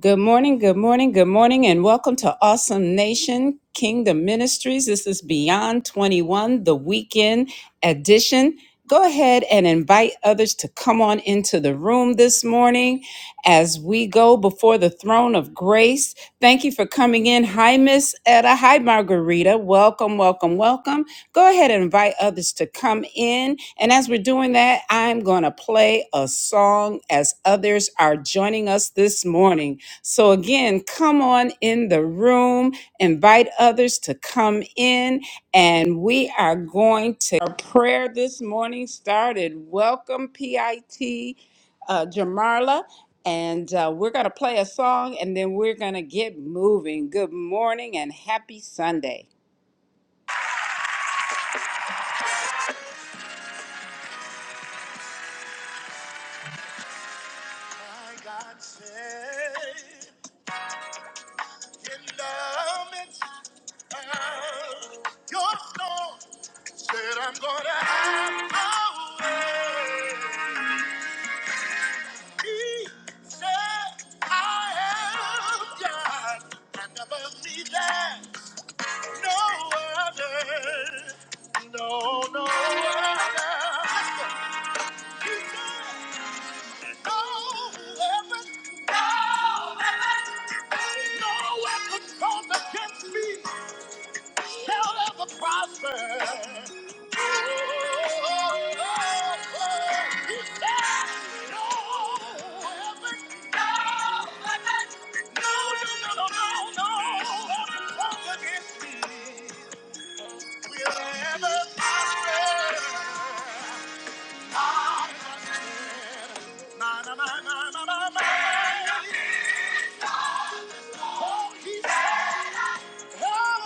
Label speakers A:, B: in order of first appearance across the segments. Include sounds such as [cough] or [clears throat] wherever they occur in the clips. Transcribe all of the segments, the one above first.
A: Good morning, good morning, good morning, and welcome to Awesome Nation Kingdom Ministries. This is Beyond 21, the weekend edition. Go ahead and invite others to come on into the room this morning as we go before the throne of grace. Thank you for coming in. Hi, Miss Etta. Hi, Margarita. Welcome, welcome, welcome. Go ahead and invite others to come in. And as we're doing that, I'm going to play a song as others are joining us this morning. So, again, come on in the room, invite others to come in, and we are going to our prayer this morning started. Welcome, PIT uh, Jamarla, and uh, we're going to play a song and then we're going to get moving. Good morning and happy Sunday. My God said, endowments of your soul. Said I'm gonna have my way. He said I am God, and above me there's no other, no no other. He said no weapon, no weapon, no weapon formed against me. shall ever prosper. Oh, oh, oh, oh. You shall No, weapon, no, weapon, no, no, no, no, no, no, weapon formed against me will ever prosper. Not again. Na, na, na, na, na, na, na. Oh, he said. Oh,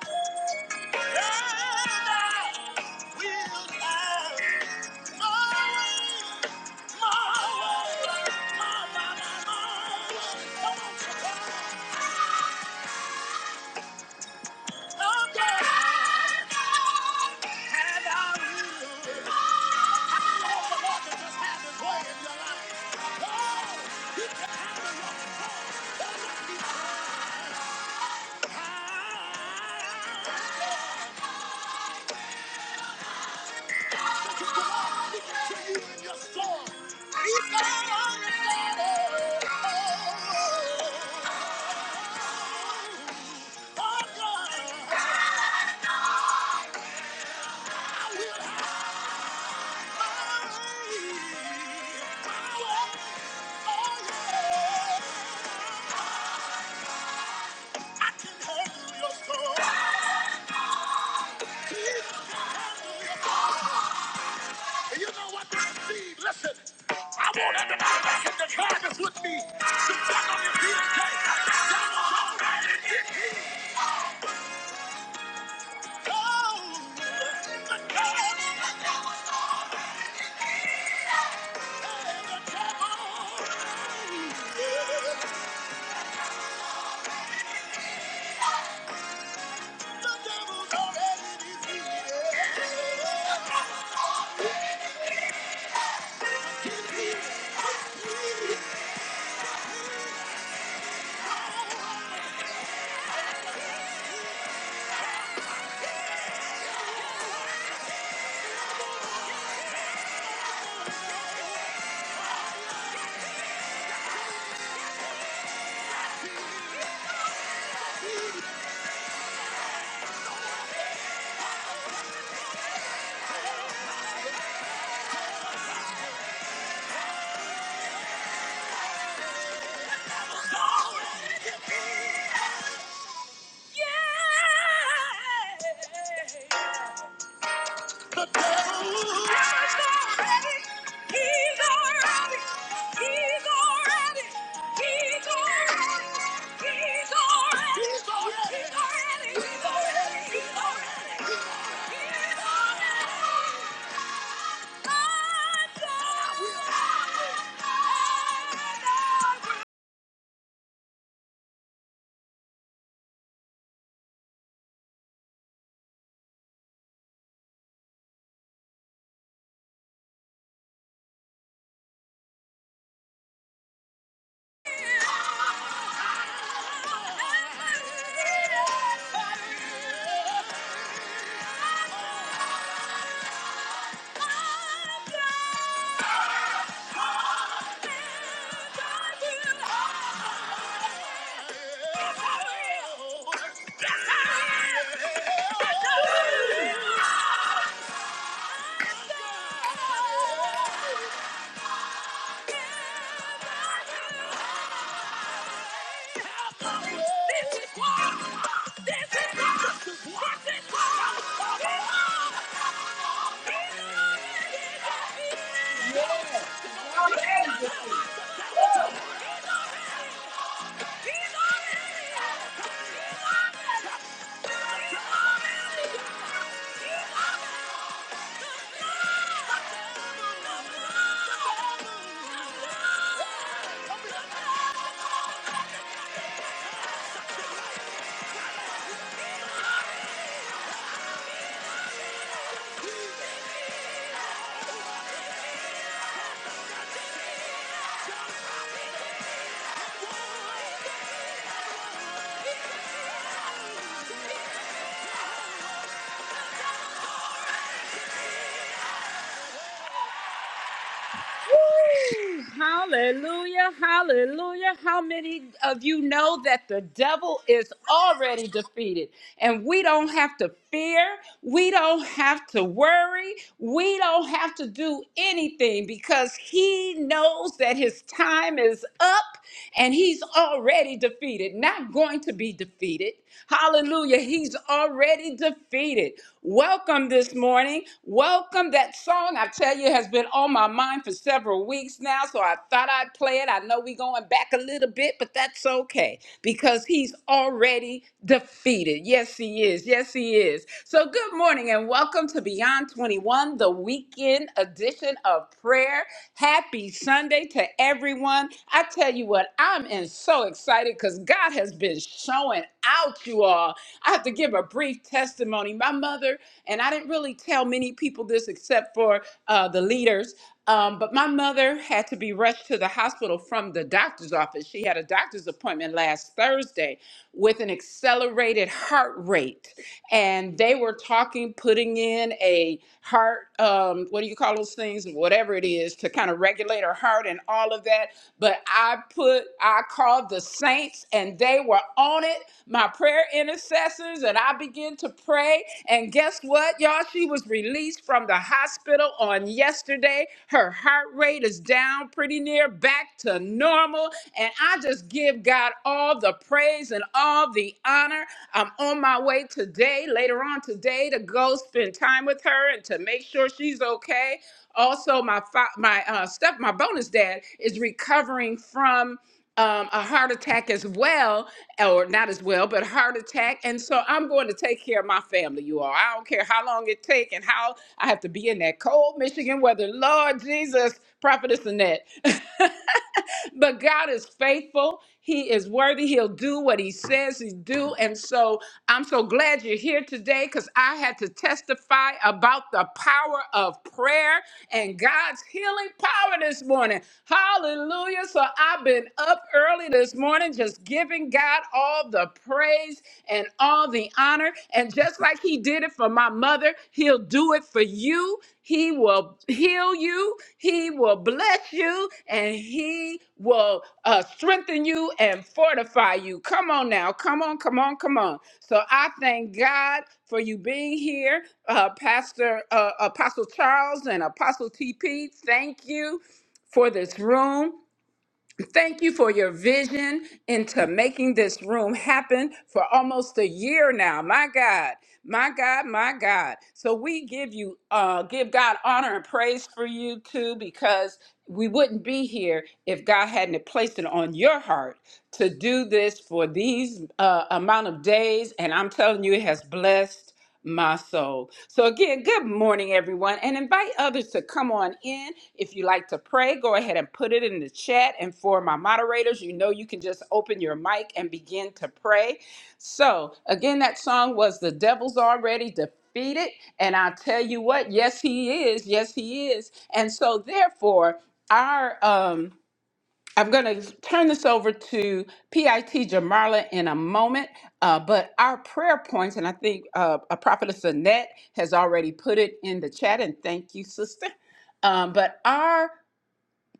A: And I will have my way, my way, my, my, my, my. Come on, somebody. Oh, yeah. And I will. I want the Lord to just have His way in your life. Oh, you can handle your soul. Don't let me down. I can handle your soul. I can handle your soul. And you know what I see? Listen, I want everybody back in the car that's with me to check on your feet and say, "That was all right, and it is cold." The devil- That was all right, and it is cold. The devil, yeah. The devil's all right, and it is cold. The devil's all right, and it is cold. Yeah. Yeah. [laughs] Yeah. Hallelujah, hallelujah. How many of you know that the devil is already defeated and we don't have to fear, we don't have to worry, we don't have to do anything because he knows that his time is up and he's already defeated, not going to be defeated. Hallelujah. He's already defeated. Welcome this morning. Welcome. That song, I tell you, has been on my mind for several weeks now, so I thought I'd play it. I know we're going back a little bit, but that's okay because he's already defeated. Yes, he is. Yes, he is. So, good morning and welcome to Beyond 21, the weekend edition of prayer. Happy Sunday to everyone. I tell you what, I'm in so excited because God has been showing out, you all. I have to give a brief testimony. My mother, and I didn't really tell many people this except for uh, the leaders, um, but my mother had to be rushed to the hospital from the doctor's office. She had a doctor's appointment last Thursday with an accelerated heart rate and they were talking, putting in a heart, um, what do you call those things, whatever it is, to kind of regulate her heart and all of that. But I put, I called the saints, and they were on it, my prayer intercessors, and I began to pray. And guess what, y'all? She was released from the hospital on yesterday. Her heart rate is down pretty near back to normal. And I just give God all the praise and all the honor. I'm on my way today, later on today, to go spend time with her and to make sure she's okay. Also, my fa- my uh, step, my bonus dad is recovering from um, a heart attack as well, or not as well, but heart attack. And so I'm going to take care of my family, you all. I don't care how long it take and how I have to be in that cold Michigan weather. Lord Jesus, Prophetess Annette. [laughs] [laughs] but God is faithful. He is worthy. He'll do what he says he do. And so I'm so glad you're here today because I had to testify about the power of prayer and God's healing power this morning. Hallelujah. So I've been up early this morning just giving God all the praise and all the honor. And just like he did it for my mother, he'll do it for you. He will heal you. He will bless you and He will uh, strengthen you and fortify you. Come on now. Come on, come on, come on. So I thank God for you being here, uh, Pastor uh, Apostle Charles and Apostle TP. Thank you for this room. Thank you for your vision into making this room happen for almost a year now. My God, my God, my God. So we give you, uh, give God honor and praise for you too, because we wouldn't be here if God hadn't placed it on your heart to do this for these uh, amount of days. And I'm telling you, it has blessed my soul. So, again, good morning, everyone, and invite others to come on in. If you like to pray, go ahead and put it in the chat. And for my moderators, you know you can just open your mic and begin to pray. So, again, that song was The Devil's Already Defeated. And i tell you what, yes, he is. Yes, he is. And so, therefore, our, um, I'm going to, so, P. Moment, uh, prayer has, um, our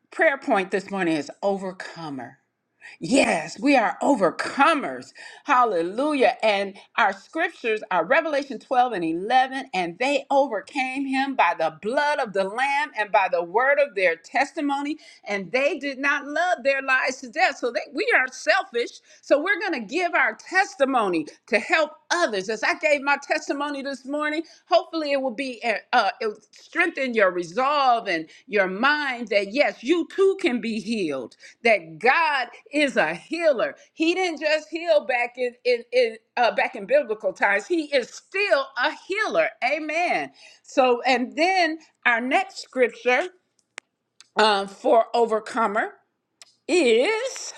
A: prayer this morning is armor. Yes. How, and our they overcame him by the blood of the Lamb and by the word of their testimony, and they did not love their lives to death. So they, we are selfish. So we're going to give our testimony to help others. As I gave my testimony this morning, hopefully it will be uh, uh, it will strengthen your resolve and your mind that yes, you too can be healed that God is a healer. He didn't just heal back in in, in uh, back in biblical times. He is still a healer. Amen. So, and then our next scripture uh, for overcomer is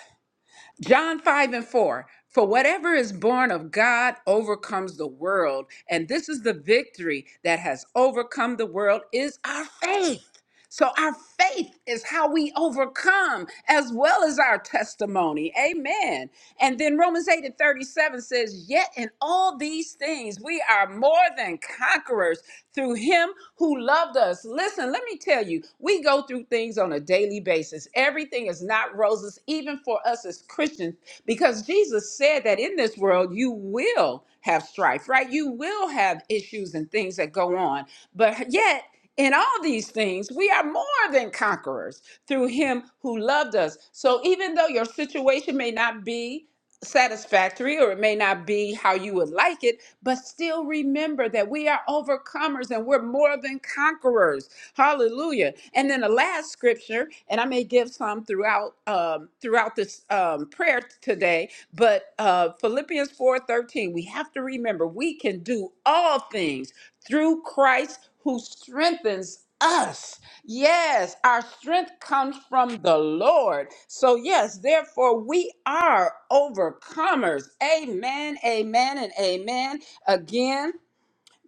A: John 5 and 4. For whatever is born of God overcomes the world. And this is the victory that has overcome the world is our faith. So our faith is how we overcome as well as our testimony. Amen. And then Romans 8 and 37 says, Yet in all these things we are more than conquerors through him who loved us. Listen, let me tell you, we go through things on a daily basis. Everything is not roses, even for us as Christians, because Jesus said that in this world you will have strife, right? You will have issues and things that go on. But yet, in all these things, we are more than conquerors through him who loved us. So even though your situation may not be satisfactory or it may not be how you would like it, but still remember that we are overcomers and we're more than conquerors. Hallelujah. And then the last scripture, and I may give some throughout um, throughout this um, prayer today, but uh, Philippians 4:13, we have to remember we can do all things through Christ who strengthens us. Yes, our strength comes from the Lord. So, yes, therefore, we are overcomers. Amen, amen, and amen. Again,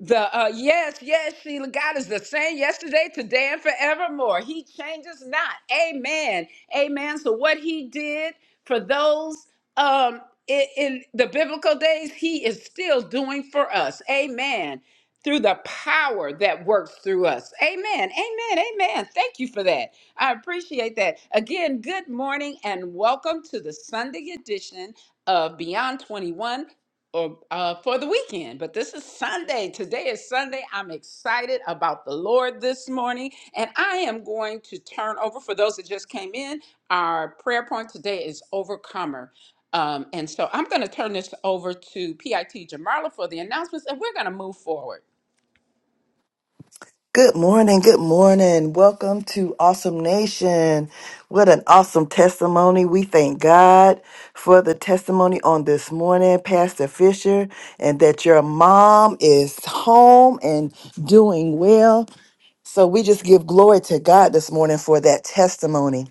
A: the uh, yes, yes, Sheila, God is the same yesterday, today, and forevermore. He changes not. Amen. Amen. So what he did for those um in, in the biblical days, he is still doing for us. Amen. Through the power that works through us. Amen. Amen. Amen. Thank you for that. I appreciate that. Again, good morning and welcome to the Sunday edition of Beyond 21 or uh, for the weekend. But this is Sunday. Today is Sunday. I'm excited about the Lord this morning, and I am going to turn over for those that just came in. Our prayer point today is overcomer. Um, and so I'm going to turn this over to PIT Jamarla for the announcements, and we're going to move forward.
B: Good morning. Good morning. Welcome to Awesome Nation. What an awesome testimony. We thank God for the testimony on this morning, Pastor Fisher, and that your mom is home and doing well. So we just give glory to God this morning for that testimony.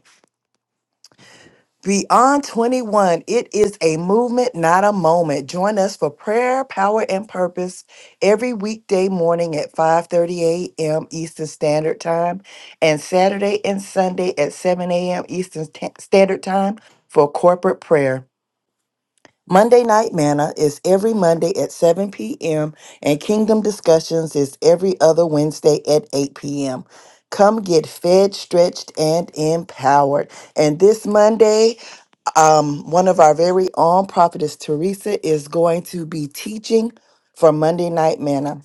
B: Beyond 21, it is a movement, not a moment. Join us for prayer, power, and purpose every weekday morning at 5:30 a.m. Eastern Standard Time and Saturday and Sunday at 7 a.m. Eastern Sta- Standard Time for corporate prayer. Monday Night Manna is every Monday at 7 p.m. and Kingdom Discussions is every other Wednesday at 8 p.m. Come get fed, stretched, and empowered. And this Monday, um, one of our very own prophetess Teresa is going to be teaching for Monday Night Manna.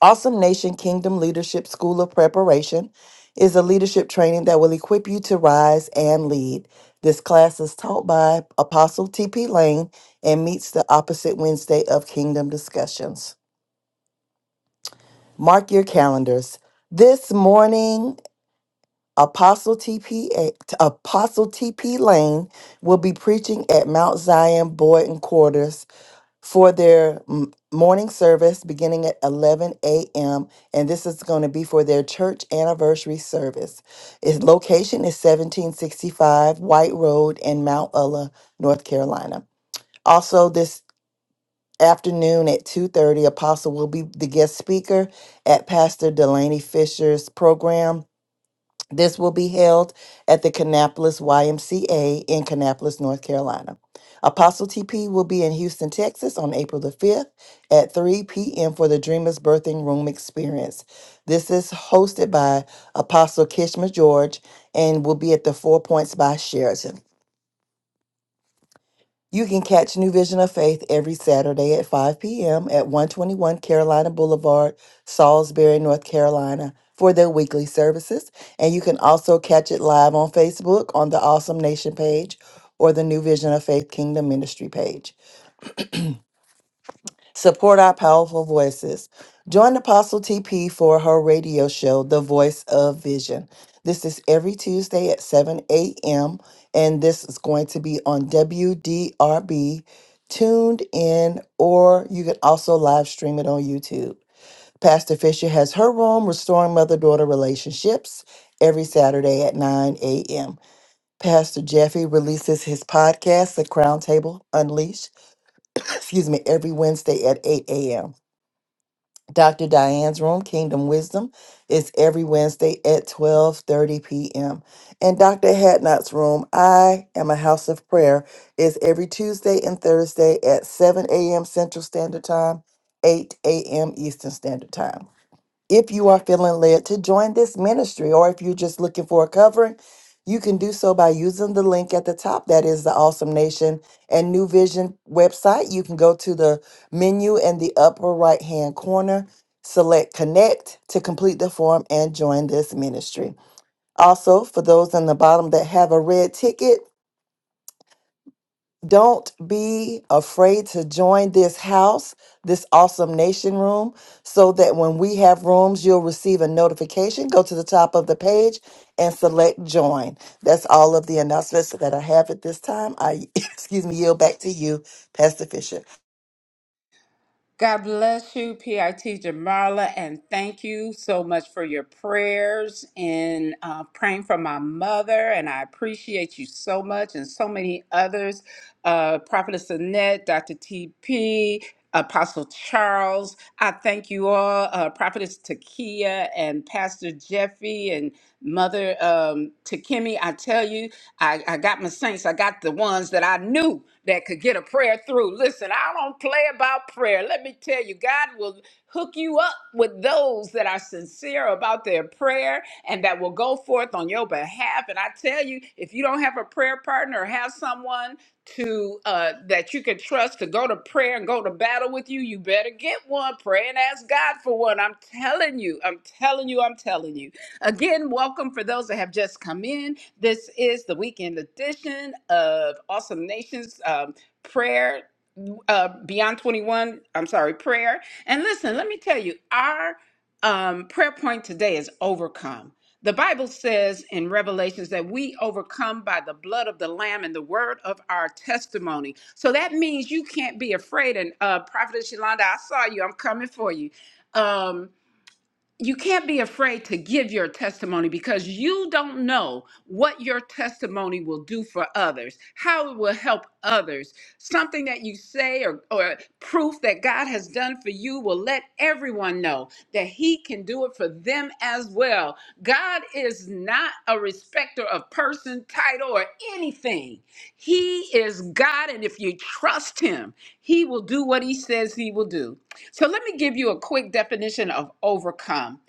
B: Awesome Nation Kingdom Leadership School of Preparation is a leadership training that will equip you to rise and lead. This class is taught by Apostle T.P. Lane and meets the opposite Wednesday of Kingdom Discussions. Mark your calendars. This morning, Apostle T.P. Apostle T.P. Lane will be preaching at Mount Zion Boyden Quarters for their m- morning service beginning at 11 a.m. And this is going to be for their church anniversary service. Its location is 1765 White Road in Mount Ulla, North Carolina. Also, this afternoon at 2.30 apostle will be the guest speaker at pastor delaney fisher's program this will be held at the Kannapolis YMCA in Kannapolis, North Carolina. Apostle TP will be in Houston, Texas on April the 5th at 3 p.m. for the Dreamers Birthing Room Experience. This is hosted by Apostle Kishma George and will be at the Four Points by Sheraton. You can catch New Vision of Faith every Saturday at 5 p.m. at 121 Carolina Boulevard, Salisbury, North Carolina, for their weekly services. And you can also catch it live on Facebook on the Awesome Nation page or the New Vision of Faith Kingdom Ministry page. Support our powerful voices. Join Apostle TP for her radio show, The Voice of Vision. This is every Tuesday at 7 a.m., and this is going to be on WDRB, tuned in, or you can also live stream it on YouTube. Pastor Fisher has her room, Restoring Mother Daughter Relationships, every Saturday at 9 a.m. Pastor Jeffy releases his podcast, The Crown Table Unleashed, excuse me, every Wednesday at 8 a.m. Dr. Diane's room, Kingdom Wisdom, is every Wednesday at 12:30 p.m. And Dr. Hadnot's room, I am a house of prayer, is every Tuesday and Thursday at 7 a.m. Central Standard Time, 8 a.m. Eastern Standard Time. If you are feeling led to join this ministry, or if you're just looking for a covering, you can do so by using the link at the top. That is the Awesome Nation and New Vision website. You can go to the menu in the upper right hand corner, select Connect to complete the form and join this ministry. Also, for those in the bottom that have a red ticket, don't be afraid to join this house, this awesome nation room, so that when we have rooms, you'll receive a notification. Go to the top of the page and select join. That's all of the announcements that I have at this time. I, [laughs] excuse me, yield back to you, Pastor Fisher.
A: God bless you, PIT Jamarla, and thank you so much for your prayers and uh, praying for my mother. And I appreciate you so much, and so many others uh, Prophetess Annette, Dr. TP, Apostle Charles. I thank you all, uh, Prophetess Takia, and Pastor Jeffy, and Mother um, Takemi. I tell you, I, I got my saints. I got the ones that I knew that could get a prayer through. Listen, I don't play about prayer. Let me tell you, God will hook you up with those that are sincere about their prayer and that will go forth on your behalf. And I tell you, if you don't have a prayer partner or have someone to uh, that you can trust to go to prayer and go to battle with you, you better get one. Pray and ask God for one. I'm telling you, I'm telling you, I'm telling you. Again, welcome for those that have just come in. This is the weekend edition of Awesome Nations um, Prayer uh, Beyond 21. I'm sorry, prayer. And listen, let me tell you, our um, prayer point today is overcome. The Bible says in Revelations that we overcome by the blood of the Lamb and the word of our testimony. So that means you can't be afraid. And uh, Prophet Shalanda, I saw you. I'm coming for you. Um, you can't be afraid to give your testimony because you don't know what your testimony will do for others, how it will help others. Something that you say or, or proof that God has done for you will let everyone know that He can do it for them as well. God is not a respecter of person, title, or anything. He is God, and if you trust Him, He will do what He says He will do. So, let me give you a quick definition of overcome.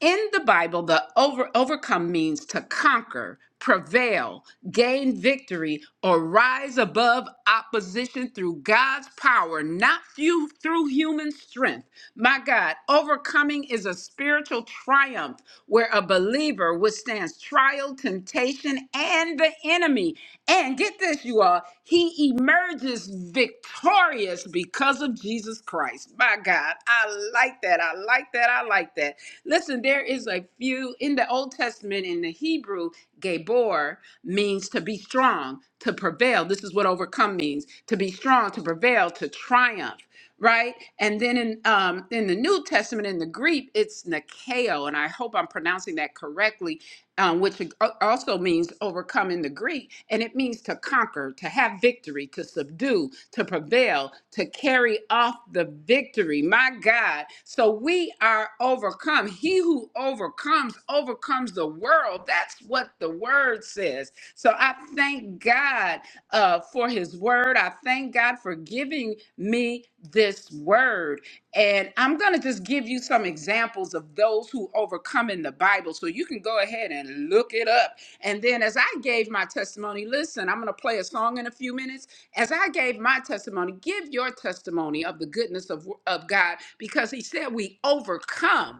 A: In the Bible, the over, overcome means to conquer, prevail, gain victory, or rise above opposition through God's power, not few, through human strength. My God, overcoming is a spiritual triumph where a believer withstands trial, temptation, and the enemy. And get this, you all, he emerges victorious because of Jesus Christ. My God, I like that. I like that. I like that. Listen, there is a few in the Old Testament in the Hebrew, Gabor means to be strong, to prevail. This is what overcome means to be strong, to prevail, to triumph, right? And then in um, in the New Testament, in the Greek, it's Nikeo, and I hope I'm pronouncing that correctly um, which al- also means overcoming the Greek, and it means to conquer, to have victory, to subdue, to prevail, to carry off the victory. My God. So we are overcome. He who overcomes, overcomes the world. That's what the word says. So I thank God uh, for his word. I thank God for giving me this word. And I'm going to just give you some examples of those who overcome in the Bible. So you can go ahead and look it up. And then, as I gave my testimony, listen, I'm going to play a song in a few minutes. As I gave my testimony, give your testimony of the goodness of, of God because He said we overcome.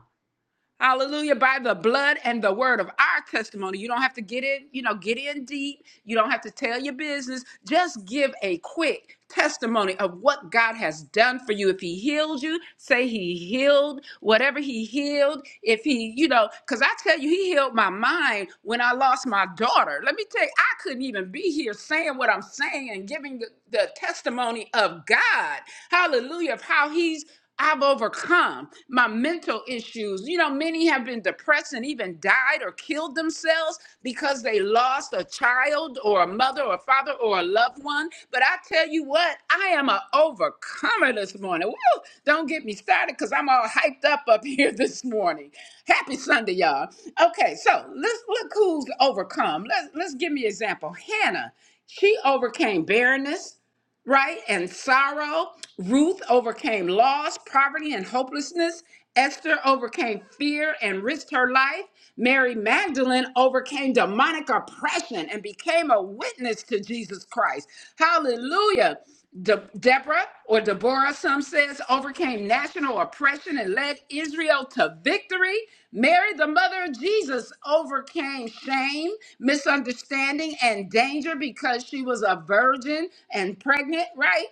A: Hallelujah. By the blood and the word of our testimony. You don't have to get in, you know, get in deep. You don't have to tell your business. Just give a quick testimony of what God has done for you. If he healed you, say he healed whatever he healed. If he, you know, because I tell you, he healed my mind when I lost my daughter. Let me tell you, I couldn't even be here saying what I'm saying and giving the, the testimony of God. Hallelujah. Of how he's I've overcome my mental issues. You know, many have been depressed and even died or killed themselves because they lost a child or a mother or a father or a loved one. But I tell you what, I am an overcomer this morning. Woo! Don't get me started because I'm all hyped up up [laughs] here this morning. Happy Sunday, y'all. Okay, so let's look who's overcome. Let's let's give me an example. Hannah, she overcame barrenness right? And sorrow. Ruth overcame loss, poverty, and hopelessness. Esther overcame fear and risked her life. Mary Magdalene overcame demonic oppression and became a witness to Jesus Christ. Hallelujah. De- Deborah or Deborah, some says, overcame national oppression and led Israel to victory. Mary, the mother of Jesus, overcame shame, misunderstanding, and danger because she was a virgin and pregnant, right?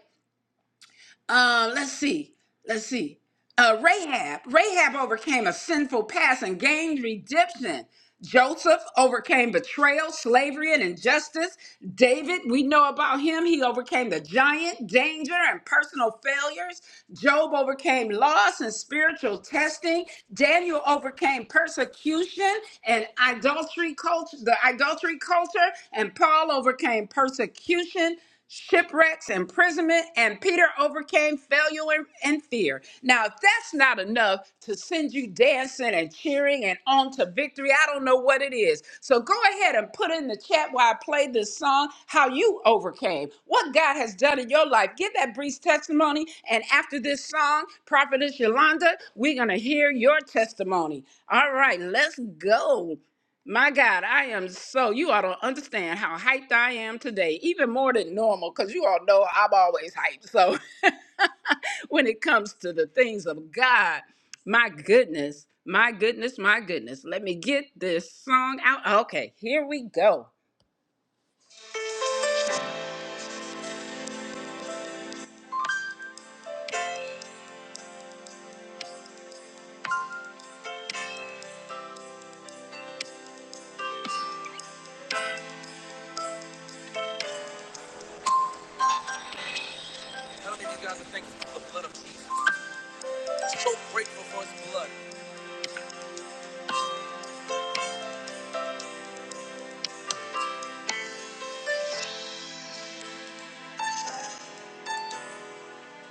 A: Uh, let's see. Let's see. Uh, Rahab. Rahab overcame a sinful past and gained redemption. Joseph overcame betrayal, slavery, and injustice. David, we know about him. He overcame the giant, danger, and personal failures. Job overcame loss and spiritual testing. Daniel overcame persecution and idolatry culture, the idolatry culture, and Paul overcame persecution, shipwrecks, imprisonment, and Peter overcame failure and, and fear. Now, if that's not enough to send send you dancing and cheering and on to victory. I don't know what it is. So go ahead and put in the chat while I play this song how you overcame, what God has done in your life. Give that brief testimony. And after this song, Prophetess Yolanda, we're going to hear your testimony. All right, let's go. My God, I am so, you all don't understand how hyped I am today, even more than normal, because you all know I'm always hyped. So [laughs] when it comes to the things of God, my goodness, my goodness, my goodness. Let me get this song out. Okay, here we go. How many of you guys are thankful for the blood of Jesus? So grateful for his blood.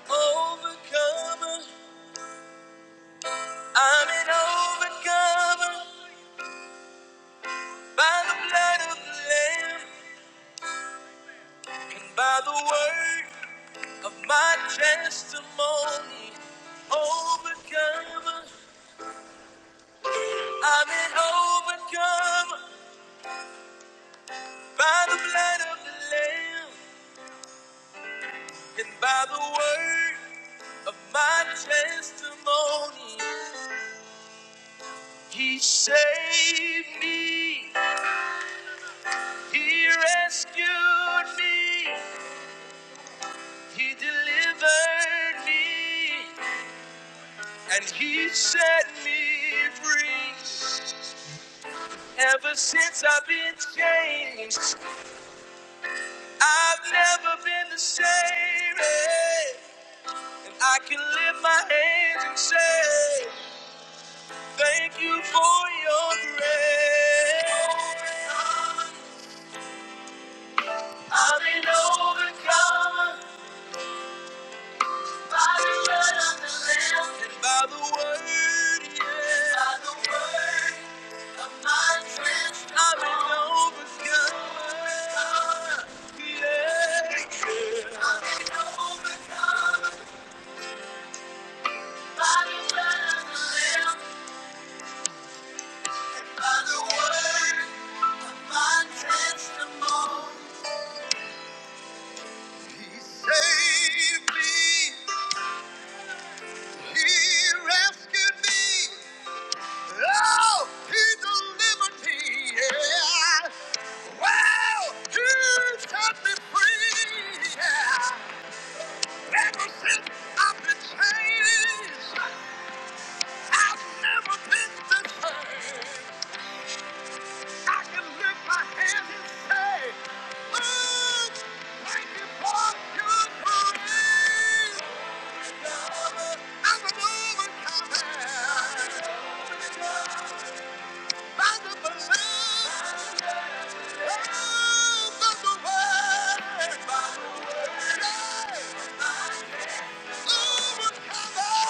A: Overcomer, I'm an overcomer by the blood of the Lamb and by the word. of my testimony. Overcome, I'm an overcomer by the blood of the Lamb and by the word of my testimony. He saved me, He rescued me, He delivered me, and He set me free. Ever since I've been changed, I've never been the same, eh, and I can lift my hands and say, Thank you for your grace. I've been overcome by the blood of the Lamb and by the word, yeah. By the word, my transformed. I've been overcome, yeah, yeah. I've been overcome by the blood of the Lamb. By the word and testimony. He saved me. He rescued me. Oh, he delivered me. Yeah. Wow, he set me free. Yeah. Ever since I've been changed, I've never been the same. I can lift my hands and say, Lord, thank you for your grace. I'm an overcomer by the blood and by the word. Say, overcomer.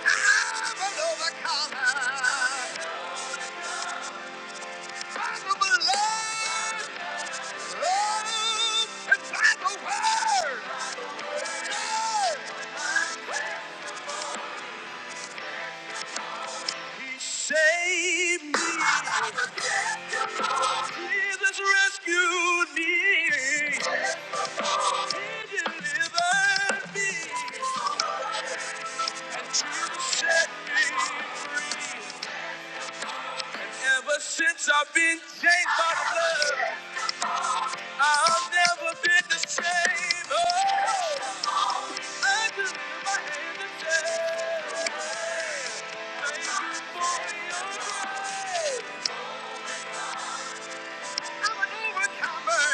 A: I'm an overcomer by the blood. It's like a word. Save me. Jesus rescued me. He delivered me. Set me. Ever since I've been changed by the blood, I've never been the same. Oh, I just lift my hand and say, I'm an overcomer.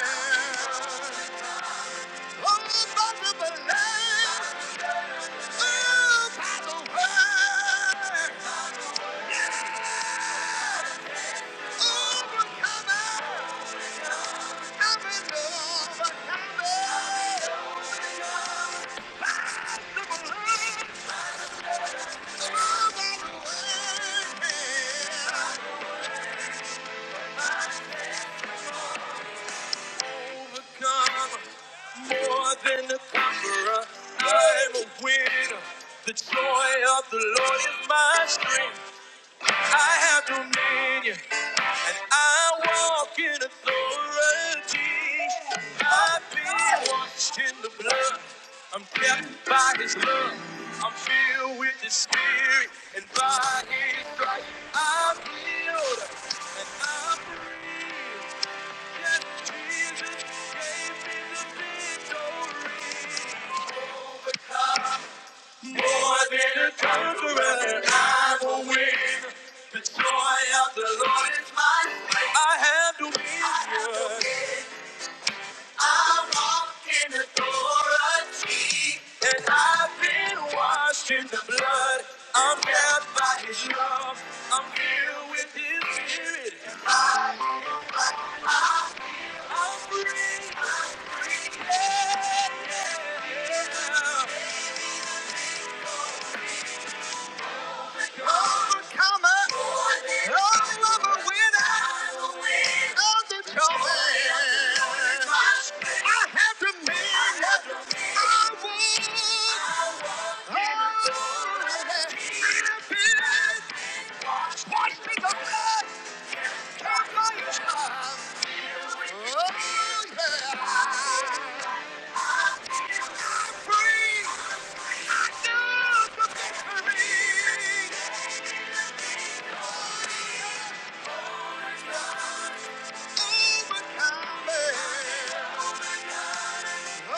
A: Oh, by the blood. Overcome more than a conqueror. I'm a winner. The joy of the Lord is my strength. I have dominion. I walk in authority. I've been washed in the blood. I'm kept by His love. I'm filled with His Spirit, and by His stripes I'm healed and I'm free. Yes, Jesus gave me the victory. More than a conqueror, I'm a winner. The joy of the Lord is my strength. I have dominion. I walk in authority, and I've been washed in the blood. I'm held by His love. I'm filled with His Spirit. Yeah, yeah. yeah. Overcomer. Oh, I'm a winner. I'm determined. I have dominion. I won. Oh, I did it. Washed the blood. Turned my life. Oh, yeah. Free. Now the victory. Overcomer. Yeah.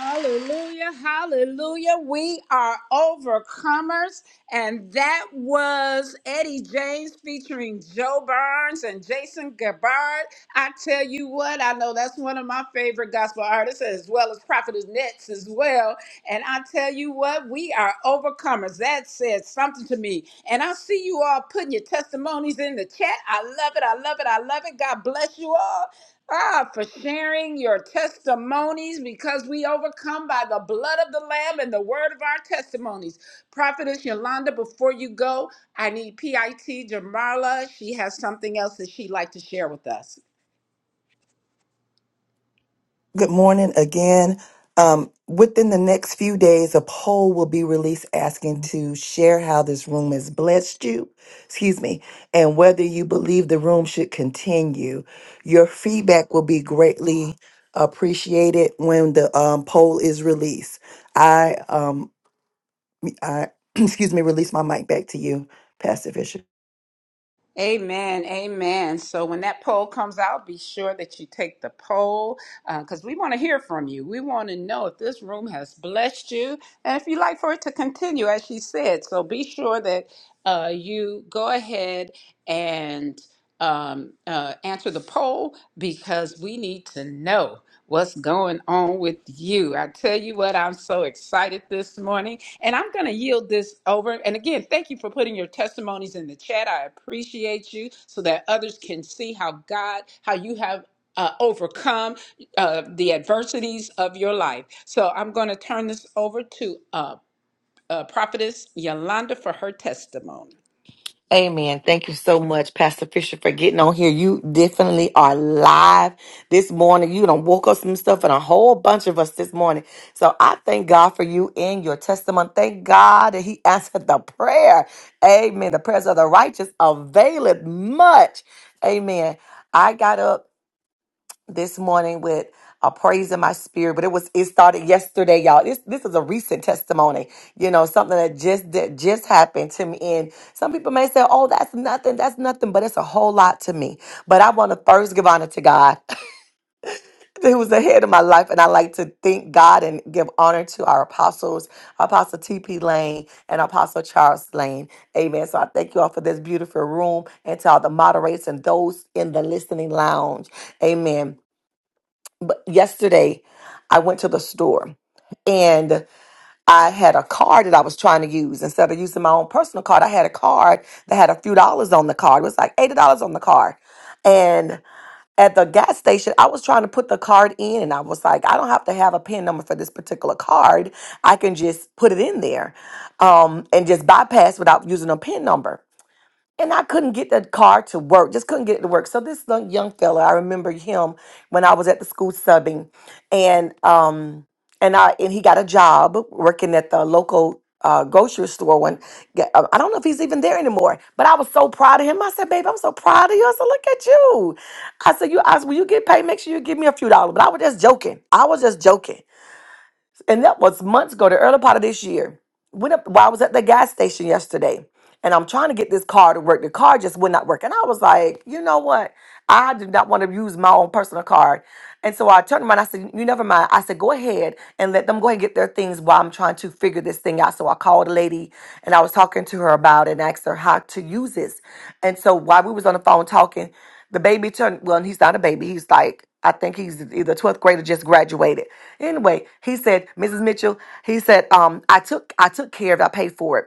A: Hallelujah, hallelujah. We are overcomers, and that was Eddie James featuring Joe Burns and Jason Gabbard. I tell you what, I know that's one of my favorite gospel artists, as well as Prophetess Nets as well. And I tell you what, we are overcomers. That said something to me. And I see you all putting your testimonies in the chat. I love it, I love it, I love it. God bless you all. Ah, for sharing your testimonies because we overcome by the blood of the Lamb and the word of our testimonies. Prophetess Yolanda, before you go, I need PIT Jamarla. She has something else that she'd like to share with us.
B: Good morning again. Um, within the next few days, a poll will be released asking to share how this room has blessed you, excuse me, and whether you believe the room should continue. Your feedback will be greatly appreciated when the um, poll is released. I, um, I, [clears throat] excuse me, release my mic back to you, Pastor Fisher.
A: Amen, amen. So when that poll comes out, be sure that you take the poll because we want to hear from you. We want to know if this room has blessed you and if you'd like for it to continue, as she said. So be sure that uh, you go ahead and um, uh, answer the poll because we need to know. What's going on with you? I tell you what, I'm so excited this morning, and I'm going to yield this over. And again, thank you for putting your testimonies in the chat. I appreciate you so that others can see how God, how you have. Uh, overcome uh, the adversities of your life. So I'm going to turn this over to uh, uh, Prophetess Yolanda for her testimony.
C: Amen. Thank you so much, Pastor Fisher, for getting on here. You definitely are live this morning. You done woke up some stuff and a whole bunch of us this morning. So I thank God for you and your testimony. Thank God that He [laughs] answered the prayer. Amen. The prayers of the righteous availeth much. Amen. I got up this morning with a praise in my spirit, but it was it started yesterday, y'all. This this is a recent testimony, you know, something that just that just happened to me. And some people may say, "Oh, that's nothing, that's nothing," but it's a whole lot to me. But I want to first give honor to God, [laughs] who was ahead of my life, and I like to thank God and give honor to our apostles, Apostle T.P. Lane and Apostle Charles Lane. Amen. So I thank you all for this beautiful room and to all the moderators and those in the listening lounge. Amen but yesterday I went to the store and I had a card that I was trying to use. Instead of using my own personal card, I had a card that had a few dollars on the card. It was like $80 on the card. And at the gas station, I was trying to put the card in and I was like, I don't have to have a PIN number for this particular card. I can just put it in there um, and just bypass without using a PIN number and I couldn't get the car to work. Just couldn't get it to work. So this young young fella, I remember him when I was at the school subbing, and um and I and he got a job working at the local uh, grocery store. One, yeah, uh, I don't know if he's even there anymore. But I was so proud of him. I said, "Babe, I'm so proud of you." I said, "Look at you." I said, "You, I said, when you get paid, make sure you give me a few dollars." But I was just joking. I was just joking, and that was months ago, the early part of this year. Went up while I was at the gas station yesterday and I'm trying to get this car to work. The car just would not work. And I was like, you know what? I did not want to use my own personal card. And so I turned around. I said, you never mind. I said, go ahead and let them go ahead and get their things while I'm trying to figure this thing out. So I called a lady and I was talking to her about it and asked her how to use this. And so while we was on the phone talking, the baby turned, well, he's not a baby. He's like, I think he's either 12th grade or just graduated. Anyway, he said, Mrs. Mitchell, he said, um, I took I took care of it, I paid for it.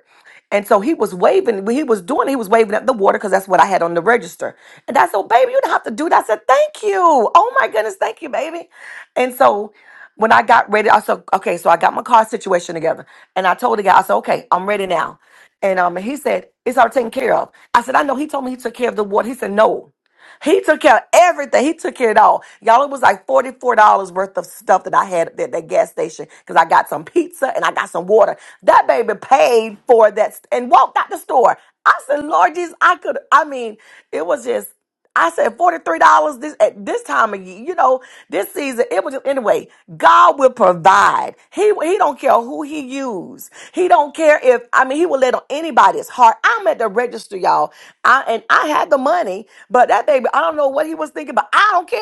C: And so he was waving, when he was doing, it, he was waving at the water because that's what I had on the register. And I said, oh, baby, you don't have to do that. I said, thank you. Oh my goodness, thank you, baby. And so when I got ready, I said, okay, so I got my car situation together. And I told the guy, I said, okay, I'm ready now. And um, he said, it's all taken care of. I said, I know. He told me he took care of the water. He said, no. He took care of everything. He took care of it all. Y'all, it was like $44 worth of stuff that I had at that that gas station because I got some pizza and I got some water. That baby paid for that st- and walked out the store. I said, Lord Jesus, I could, I mean, it was just, I said $43 this at this time of year, you know, this season. It was just, anyway, God will provide. He he don't care who he use. He don't care if I mean he will let on anybody somebody's heart. I'm at the register, y'all. I and I had the money, but that baby, I don't know what he was thinking, but I don't care.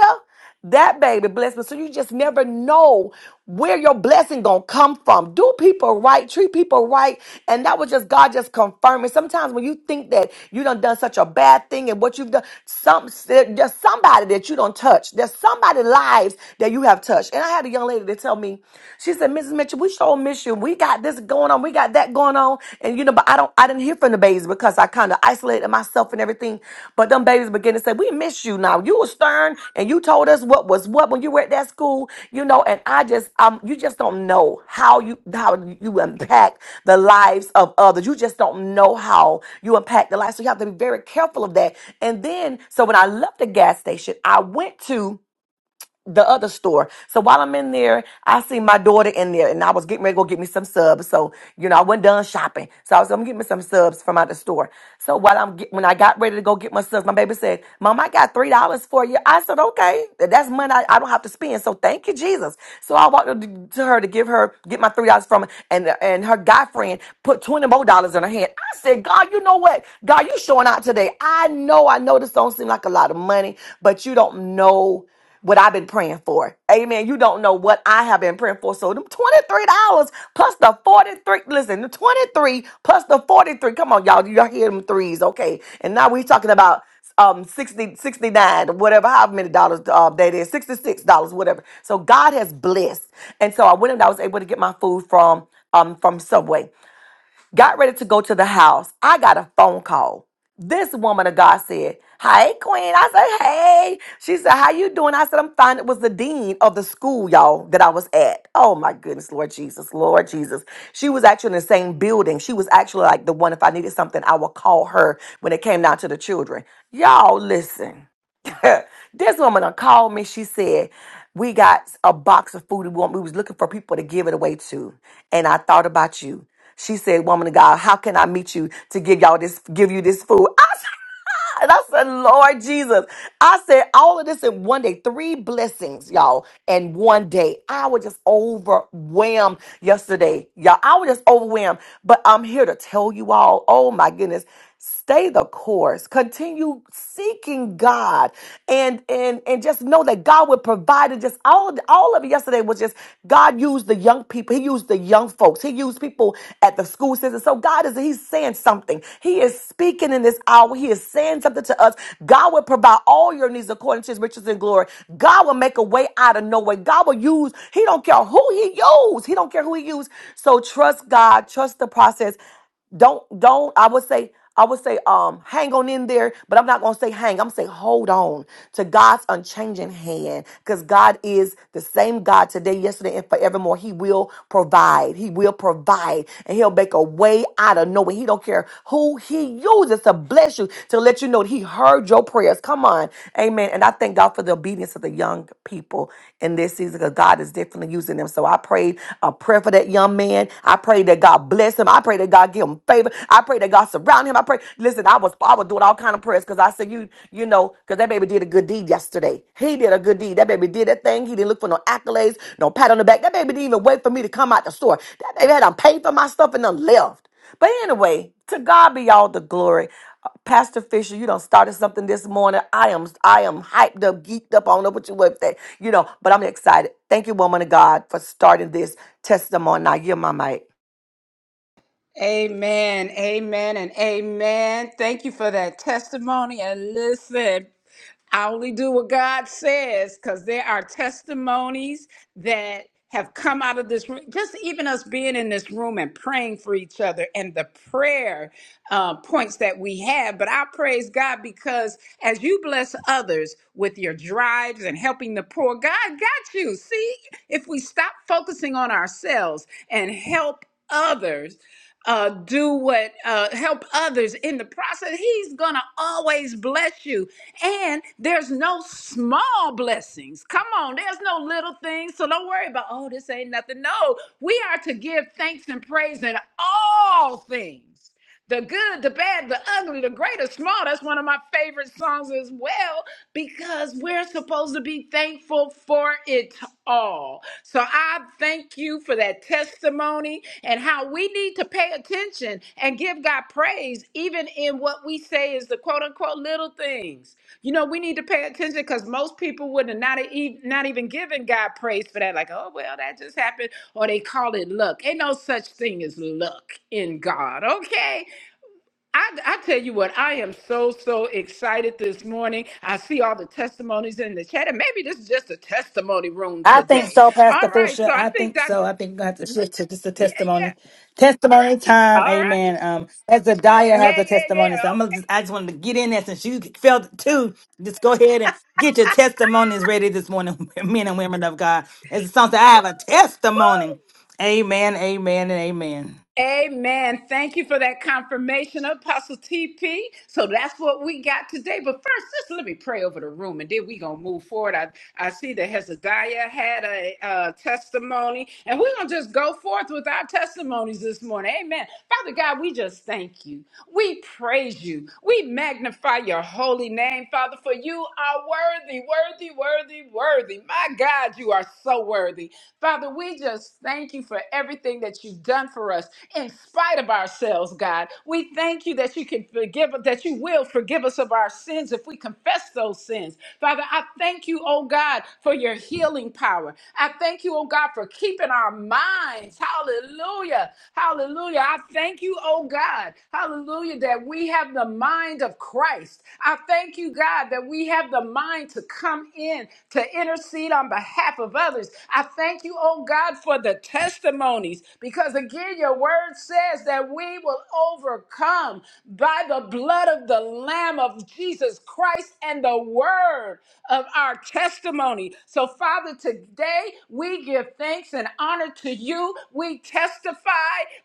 C: That baby blessed me. So you just never know where your blessing gonna come from. Do people right, treat people right. And that was just God just confirming. Sometimes when you think that you done done such a bad thing and what you've done, some there's somebody that you don't touch. There's somebody lives that you have touched. And I had a young lady that tell me, she said, Mrs. Missus Mitchell, we sure miss you. We got this going on. We got that going on. And you know, but I don't I didn't hear from the babies because I kind of isolated myself and everything. But them babies begin to say, We miss you now. You were stern and you told us what was what when you were at that school, you know, and I just um you just don't know how you how you impact the lives of others. You just don't know how you impact the lives. So you have to be very careful of that. And then so when I left the gas station, I went to the other store. So while I'm in there, I see my daughter in there and I was getting ready to go get me some subs. So, you know, I wasn't done shopping. So I was, like, I'm getting me some subs from out the store. So while I'm, get, when I got ready to go get my subs, my baby said, mom, I got $3 for you. I said, okay, Th- that's money I, I don't have to spend. So thank you, Jesus. So I walked up to to her to give her, get my $3 from her and, and her guy friend put 20 more dollars in her hand. I said, God, you know what? God, you showing out today. I know, I know this don't seem like a lot of money, but you don't know what I've been praying for. Amen. You don't know what I have been praying for. So them $23 plus the 43. Listen, the 23 plus the 43. Come on, y'all. Y'all hear them threes. Okay. And now we are talking about um 60 69, whatever, how many dollars uh, that is, $66, whatever. So God has blessed. And so I went and I was able to get my food from um from Subway got ready to go to the house. I got a phone call. This woman of God said, Hey Queen. I said, Hey. She said, How you doing? I said, I'm fine. It was the dean of the school, y'all, that I was at. Oh my goodness, Lord Jesus, Lord Jesus. She was actually in the same building. She was actually like the one, if I needed something, I would call her when it came down to the children. Y'all listen. [laughs] this woman done called me. She said, we got a box of food we want. We was looking for people to give it away to. And I thought about you. She said, woman of God, how can I meet you to give y'all this, give you this food? I and I said, Lord Jesus. I said, all of this in one day, three blessings, y'all, in one day. I was just overwhelmed yesterday, y'all. I was just overwhelmed. But I'm here to tell you all, oh my goodness, stay the course. Continue seeking God. And and and just know that God will provide and just all all of it yesterday was just God used the young people. He used the young young folks. He used people at the school system. So God is, he's saying something. He is speaking in this hour. He is saying something to us. God will provide all your needs according to his riches and glory. God will make a way out of no way. God will use, he don't care who he used. He don't care who he used. So trust God, trust the process don't don't i would say i would say um hang on in there but i'm not gonna say hang i'm gonna say hold on to god's unchanging hand because god is the same god today yesterday and forevermore he will provide he will provide and he'll make a way out of nowhere he don't care who he uses to bless you to let you know that he heard your prayers come on amen and i thank god for the obedience of the young people in this season because god is definitely using them so i prayed a prayer for that young man. I pray that God bless him. I pray that God give him favor. I pray that God surround him. I pray. Listen, I was I was doing all kind of prayers because I said you you know because that baby did a good deed yesterday. He did a good deed. That baby did that thing. He didn't look for no accolades, no pat on the back. That baby didn't even wait for me to come out the store. That baby had to pay for my stuff and then left. But anyway, to God be all the glory. Uh, Pastor Fisher, you done started something this morning. I am I am hyped up, geeked up. I don't know what you with that, you know, but I'm excited. Thank you, woman of God, for starting this testimony. Now you're my mic.
A: Amen, amen, and amen. Thank you for that testimony. And listen, I only do what God says because there are testimonies that have come out of this room. Just even us being in this room and praying for each other, and the prayer uh, points that we have, but I praise God because as you bless others with your drives and helping the poor, God got you. See, if we stop focusing on ourselves and help others, uh, do what uh, help others in the process. He's gonna always bless you, and there's no small blessings. Come on, there's no little things. So don't worry about oh, this ain't nothing. No, we are to give thanks and praise in all things the good, the bad, the ugly, the great, the small. That's one of my favorite songs as well because we're supposed to be thankful for it all. So I thank you for that testimony and how we need to pay attention and give God praise, even in what we say is the quote unquote little things. You know, we need to pay attention because most people would have not, e- not even given God praise for that. Like, oh, well, that just happened. Or they call it luck. Ain't no such thing as luck in God, okay? I, I tell you what, I am so, so excited this morning. I see all the testimonies in the chat, and maybe this is just a testimony room
D: I think
A: today.
D: so,
A: All
D: Pastor
A: right, so
D: Fisher.
A: I
D: I
A: think
D: think so.
A: Dr.
D: I think I have to shift to just a
A: Yeah,
D: testimony.
A: yeah.
D: Testimony time,
A: All right.
D: amen. Um, Hezekiah
A: Yeah,
D: has a
A: yeah,
D: testimony, so
A: yeah.
D: I'm gonna just, I just wanted to get in there since you felt it too. Just go ahead and get your testimonies ready this morning, [laughs] men and women of God. As a song that I have a testimony, amen, amen, and amen.
A: Amen. Thank you for that confirmation, Apostle TP. So that's what we got today. But first, just let me pray over the room, and then we gonna move forward. I, I see that Hezekiah had a, uh testimony, and we're gonna just go forth with our testimonies this morning. Amen. Father God, we just thank you. We praise you. We magnify your holy name, Father, for you are worthy, worthy, worthy, worthy. My God, you are so worthy. Father, we just thank you for everything that you've done for us in spite of ourselves, God. We thank you that you can forgive that you will forgive us of our sins if we confess those sins. Father, I thank you, oh God, for your healing power children. I thank you, oh God, for keeping our minds. Hallelujah. Hallelujah. I thank you, oh God. Hallelujah, that we have the mind of Christ. I thank you, God, that we have the mind to come in to intercede on behalf of others. I thank you, oh God, for the testimonies because again, your word says that we will overcome by the blood of the Lamb of Jesus Christ and the word of our testimony. So, Father, today we give thanks and honor to you. We testify,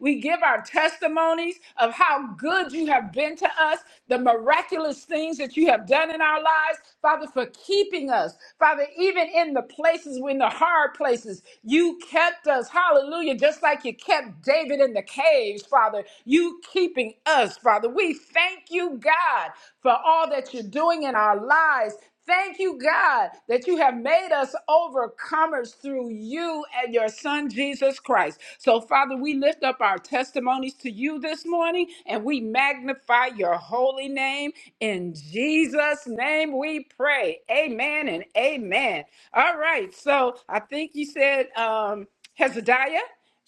A: we give our testimonies of how good you have been to us, the miraculous things that you have done in our lives, Father, for keeping us, Father, even in the places, in the hard places. You kept us, hallelujah, just like you kept David in the caves, Father. You keeping us, Father. We thank you, God, for all that you're doing in our lives. Thank you, God, that you have made us overcomers through you and your Son, Jesus Christ. So, Father, we lift up our testimonies to you this morning and we magnify your holy name. In Jesus' name we pray. Amen and amen. All right. So I think you said um, Hezekiah.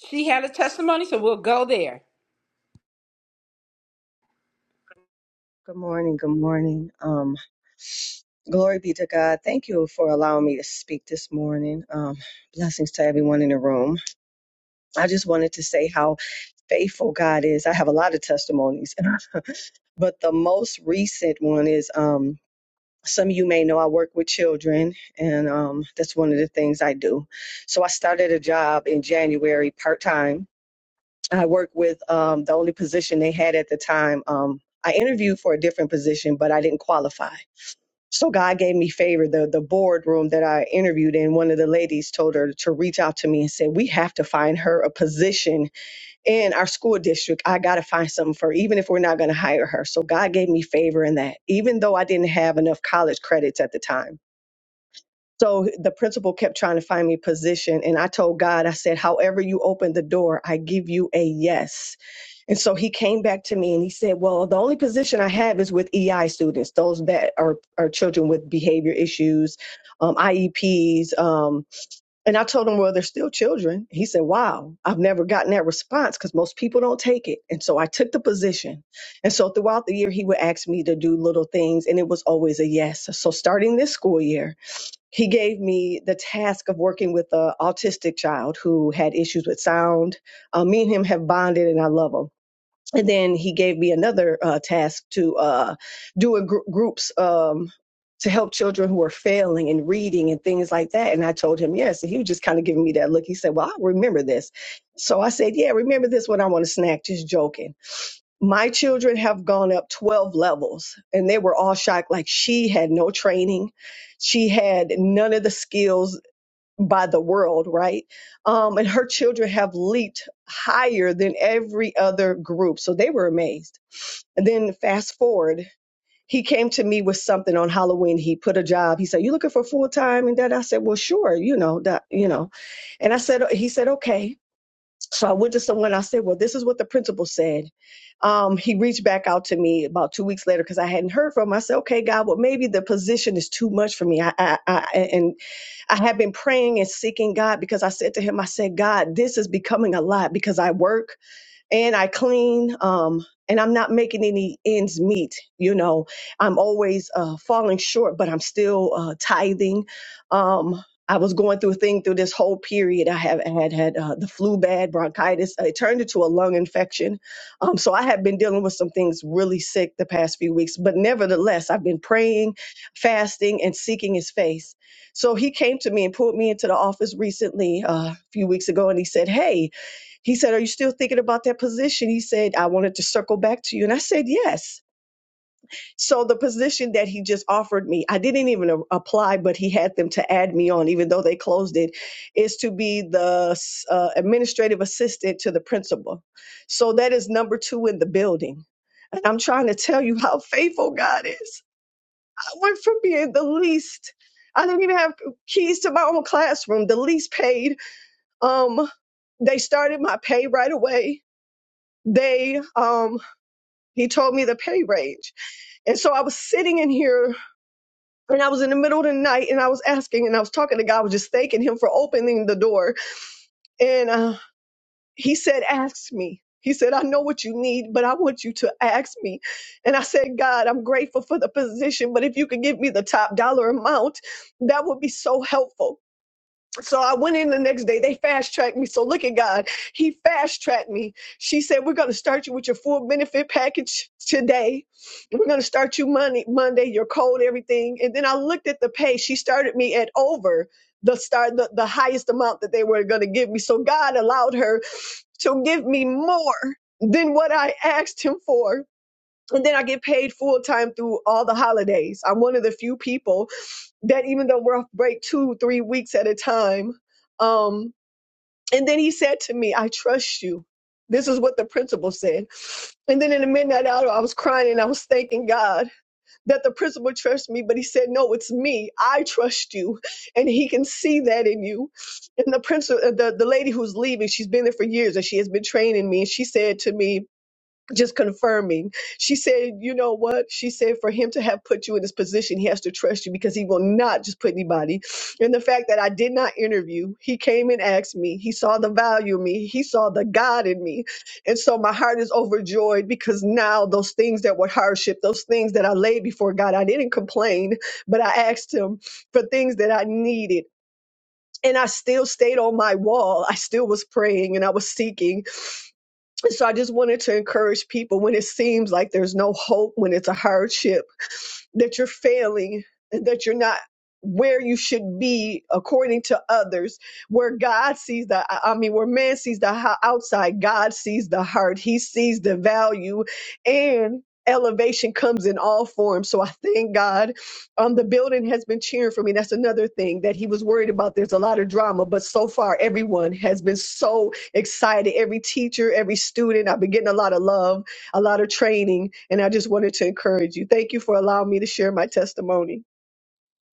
A: She had a testimony, so we'll go there.
E: Good morning. Good morning. Um, glory be to God. Thank you for allowing me to speak this morning. Um, blessings to everyone in the room. I just wanted to say how faithful God is. I have a lot of testimonies, [laughs] but the most recent one is um, some of you may know I work with children, and um, that's one of the things I do. So I started a job in January part time. I work with um, the only position they had at the time. Um, I interviewed for a different position, but I didn't qualify. So God gave me favor. The the boardroom that I interviewed in, one of the ladies told her to reach out to me and said, We have to find her a position in our school district. I gotta find something for her, even if we're not gonna hire her. So God gave me favor in that, even though I didn't have enough college credits at the time. So the principal kept trying to find me position. And I told God, I said, however you open the door, I give you a yes. And so he came back to me and he said, well, the only position I have is with EI students, those that are, are children with behavior issues, um, IEPs. Um, and I told him, well, they're still children. He said, wow, I've never gotten that response because most people don't take it. And so I took the position. And so throughout the year, he would ask me to do little things and it was always a yes. So starting this school year, he gave me the task of working with an autistic child who had issues with sound. Uh, me and him have bonded, and I love him. And then he gave me another uh, task to uh, do a gr- groups um, to help children who are failing in reading and things like that. And I told him yes, and he was just kind of giving me that look. He said, "Well, I remember this." So I said, "Yeah, remember this when I want a snack." Just joking my children have gone up 12 levels and they were all shocked like she had no training she had none of the skills by the world right um, and her children have leaped higher than every other group so they were amazed and then fast forward he came to me with something on halloween he put a job he said you looking for full-time and that i said well sure you know that you know and i said he said okay so I went to someone. I said, "Well, this is what the principal said." Um, he reached back out to me about two weeks later because I hadn't heard from him. I said, "Okay, God, well, maybe the position is too much for me." I, I, I and I have been praying and seeking God because I said to him, "I said, God, this is becoming a lot because I work." and I clean. Um, and I'm not making any ends meet. You know, I'm always uh, falling short, but I'm still uh, tithing. Um, I was going through a thing through this whole period. I have had had uh, the flu bad, bronchitis. It turned into a lung infection. Um, so I have been dealing with some things really sick the past few weeks. But nevertheless, I've been praying, fasting, and seeking His face. So He came to me and pulled me into the office recently, uh, a few weeks ago, and He said, "Hey, he said, Are you still thinking about that position? He said, I wanted to circle back to you. And I said, Yes. So the position that he just offered me, I didn't even a- apply, but he had them to add me on, even though they closed it, is to be the uh, administrative assistant to the principal. So that is number two in the building. And I'm trying to tell you how faithful God is. I went from being the least, I didn't even have keys to my own classroom, the least paid. Um, they started my pay right away they um he told me the pay range and so i was sitting in here and i was in the middle of the night and i was asking and i was talking to god I was just thanking him for opening the door and uh, he said ask me he said i know what you need but i want you to ask me and i said god i'm grateful for the position but if you could give me the top dollar amount that would be so helpful so I went in the next day. They fast tracked me. So look at God. He fast tracked me. She said, We're going to start you with your full benefit package today. We're going to start you Monday, Monday, your code, everything. And then I looked at the pay. She started me at over the start, the, the highest amount that they were going to give me. So God allowed her to give me more than what I asked him for. And then I get paid full time through all the holidays. I'm one of the few people that even though we're off break two, three weeks at a time. Um, and then he said to me, I trust you. This is what the principal said. And then in the midnight hour, I was crying and I was thanking God that the principal trusts me, but he said, No, it's me. I trust you. And he can see that in you. And the principal, the, the lady who's leaving, she's been there for years and she has been training me. And she said to me, just confirming. She said, you know what? She said, for him to have put you in this position, he has to trust you because he will not just put anybody. And the fact that I did not interview, he came and asked me. He saw the value in me. He saw the God in me. And so my heart is overjoyed because now those things that were hardship, those things that I laid before God, I didn't complain, but I asked him for things that I needed. And I still stayed on my wall. I still was praying and I was seeking so I just wanted to encourage people when it seems like there's no hope, when it's a hardship, that you're failing and that you're not where you should be according to others where god sees the i mean where man sees the ho- outside god sees the heart he sees the value and elevation comes in all forms so i thank god um the building has been cheering for me that's another thing that he was worried about there's a lot of drama but so far everyone has been so excited every teacher every student i've been getting a lot of love a lot of training. And I just wanted to encourage you. Thank you for allowing me to share my testimony.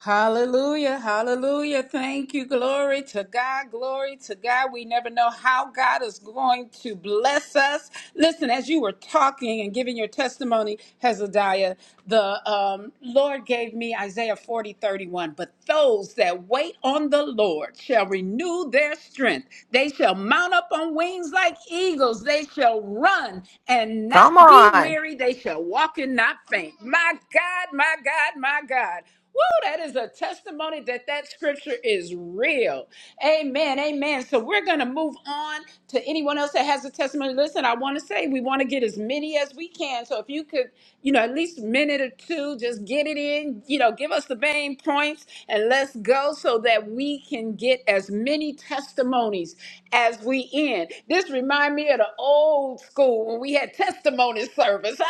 A: Hallelujah, hallelujah. Thank you. Glory to God, glory to God. We never know how God is going to bless us. Listen, as you were talking and giving your testimony, Hezekiah, the um, Lord gave me Isaiah 40 31. But those that wait on the Lord shall renew their strength. They shall mount up on wings like eagles. They shall run and not
C: Come
A: be
C: on.
A: weary. They shall walk and not faint. My God, my God, my God. Woo, that is a testimony that that scripture is real. Amen. Amen. So we're going to move on to anyone else that has a testimony. Listen, I want to say we want to get as many as we can. So if you could, you know, at least a minute or two, just get it in, you know, give us the main points and let's go so that we can get as many testimonies as we end. This remind me of the old school when we had testimony service.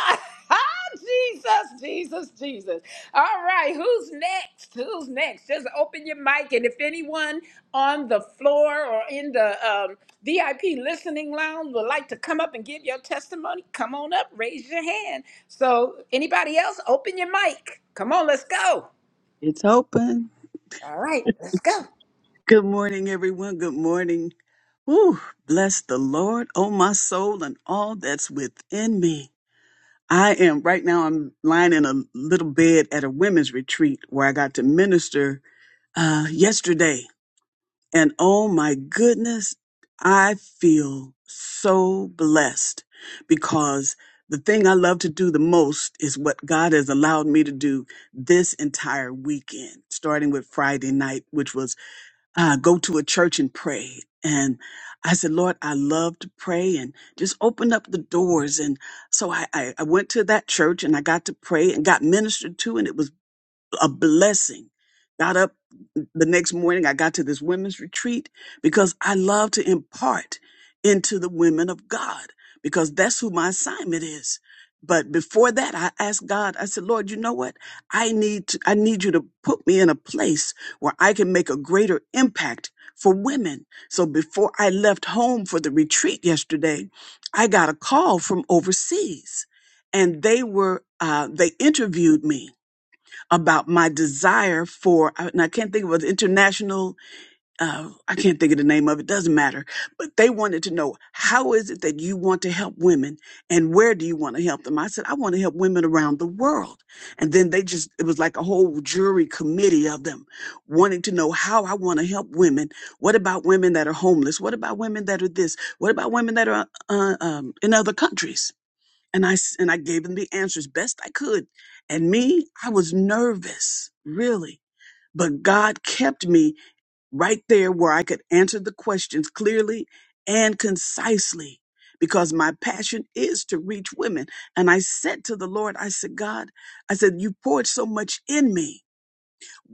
A: [laughs] Ah, Jesus, Jesus, Jesus. All right, who's next? Who's next? Just open your mic, and if anyone on the floor or in the um, VIP listening lounge would like to come up and give your testimony, come on up, raise your hand. So, anybody else, open your mic. Come on, let's go.
F: It's open.
A: All right, let's go.
F: Good morning, everyone. Good morning. Ooh, bless the Lord, oh my soul, and all that's within me. I am right now. I'm lying in a little bed at a women's retreat where I got to minister uh, yesterday, and oh my goodness, I feel so blessed because the thing I love to do the most is what God has allowed me to do this entire weekend, starting with Friday night, which was uh, go to a church and pray. And I said, Lord, I love to pray and just open up the doors. And so I, I, I went to that church and I got to pray and got ministered to. And it was a blessing. Got up the next morning, I got to this women's retreat because I love to impart into the women of God because that's who my assignment is. But before that, I asked God, I said, Lord, you know what? I need to, I need you to put me in a place where I can make a greater impact for women. So before I left home for the retreat yesterday, I got a call from overseas and they were, uh, they interviewed me about my desire for, and I can't think of it, international, uh, I can't think of the name of it, doesn't matter. But they wanted to know, how is it that you want to help women and where do you want to help them? I said, I want to help women around the world. And then they just, it was like a whole jury committee of them wanting to know how I want to help women. What about women that are homeless? What about women that are this? What about women that are uh, um, in other countries? and I s- and I gave them the answers best I could. And me, I was nervous, really. But God kept me right there where I could answer the questions clearly and concisely because my passion is to reach women. And I said to the Lord, I said, God, I said, you poured so much in me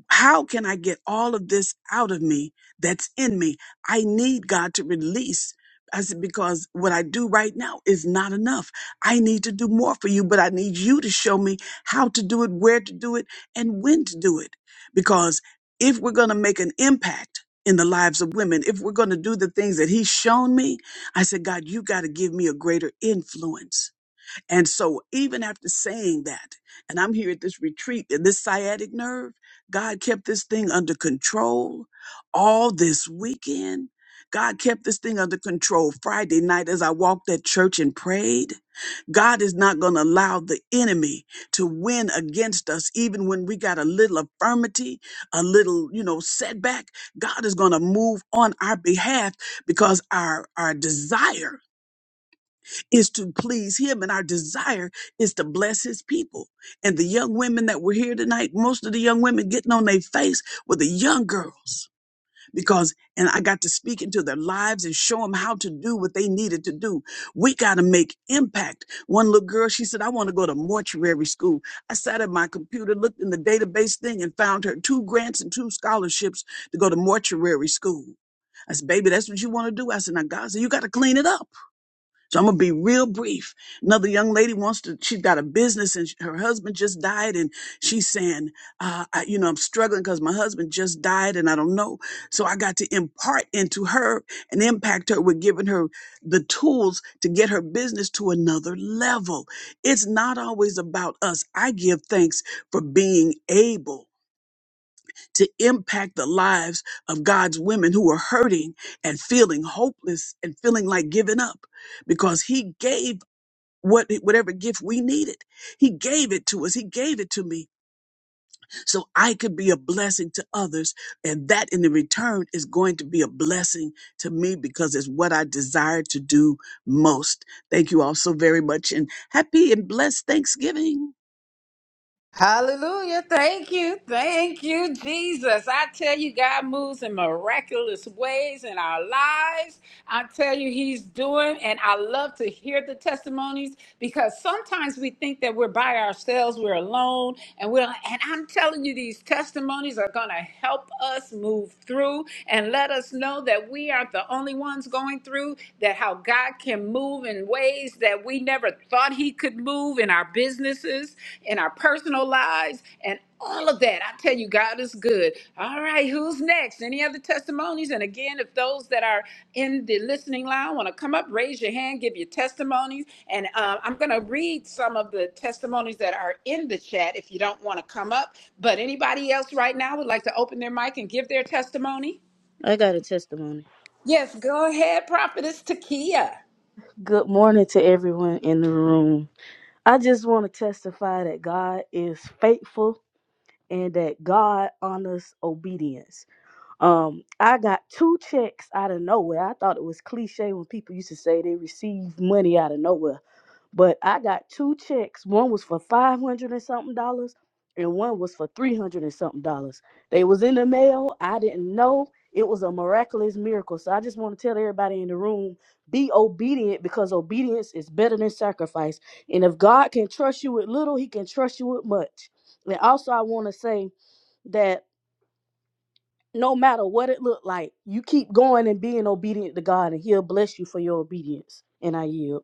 F: how can I get all of this out of me that's in me? I need God to release. I said, because what I do right now is not enough. I need to do more for you, but I need you to show me how to do it, where to do it, and when to do it. Because if we're going to make an impact in the lives of women, if we're going to do the things that He's shown me, I said, God, you got to give me a greater influence and so, even after saying that, and I'm here at this retreat, and this sciatic nerve, God kept this thing under control all this weekend. God kept this thing under control Friday night as I walked at church and prayed. God is not going to allow the enemy to win against us, even when we got a little affirmity, a little, you know, setback. God is going to move on our behalf because our, our desire is to please him and our desire is to bless his people and the young women that were here tonight most of the young women getting on their face were the young girls because and i got to speak into their lives and show them how to do what they needed to do we got to make impact one little girl she said i want to go to mortuary school i sat at my computer looked in the database thing and found her two grants and two scholarships to go to mortuary school i said baby that's what you want to do i said now god said you got to clean it up so I'm gonna be real brief. Another young lady wants to. She's got a business, and sh- her husband just died, and she's saying, uh, I, "You know, I'm struggling because my husband just died, and I don't know." So I got to impart into her and impact her with giving her the tools to get her business to another level. It's not always about us. I give thanks for being able. To impact the lives of God's women who are hurting and feeling hopeless and feeling like giving up because he gave what whatever gift we needed he gave it to us he gave it to me so i could be a blessing to others and that in the return is going to be a blessing to me because it's what i desire to do most thank you all so very much and happy and blessed thanksgiving
A: Hallelujah. Thank you. Thank you, Jesus. I tell you, God moves in miraculous ways in our lives. I tell you, he's doing, and I love to hear the testimonies because sometimes we think that we're by ourselves, we're alone, and we're. And I'm telling you, these testimonies are going to help us move through and let us know that we aren't the only ones going through. That how God can move in ways that we never thought He could move in our businesses, in our personal lives, and all of that. I tell you, God is good. All right, who's next? Any other testimonies? And again, if those that are in the listening line want to come up, raise your hand, give your testimonies. And uh, I'm going to read some of the testimonies that are in the chat if you don't want to come up. But anybody else right now would like to open their mic and give their testimony?
G: I got a testimony.
A: Yes, go ahead, Prophetess Takia.
G: Good morning to everyone in the room. I just want to testify that God is faithful and that God honors obedience. Um, I got two checks out of nowhere. I thought it was cliche when people used to say they received money out of nowhere. But I got two checks. One was for five hundred and something dollars, and one was for three hundred and something dollars. They was in the mail. I didn't know it was a miraculous miracle. So I just want to tell everybody in the room: be obedient because obedience is better than sacrifice. And if God can trust you with little, He can trust you with much. And also, I want to say that no matter what it looked like, you keep going and being obedient to God, and He'll bless you for your obedience. And I yield.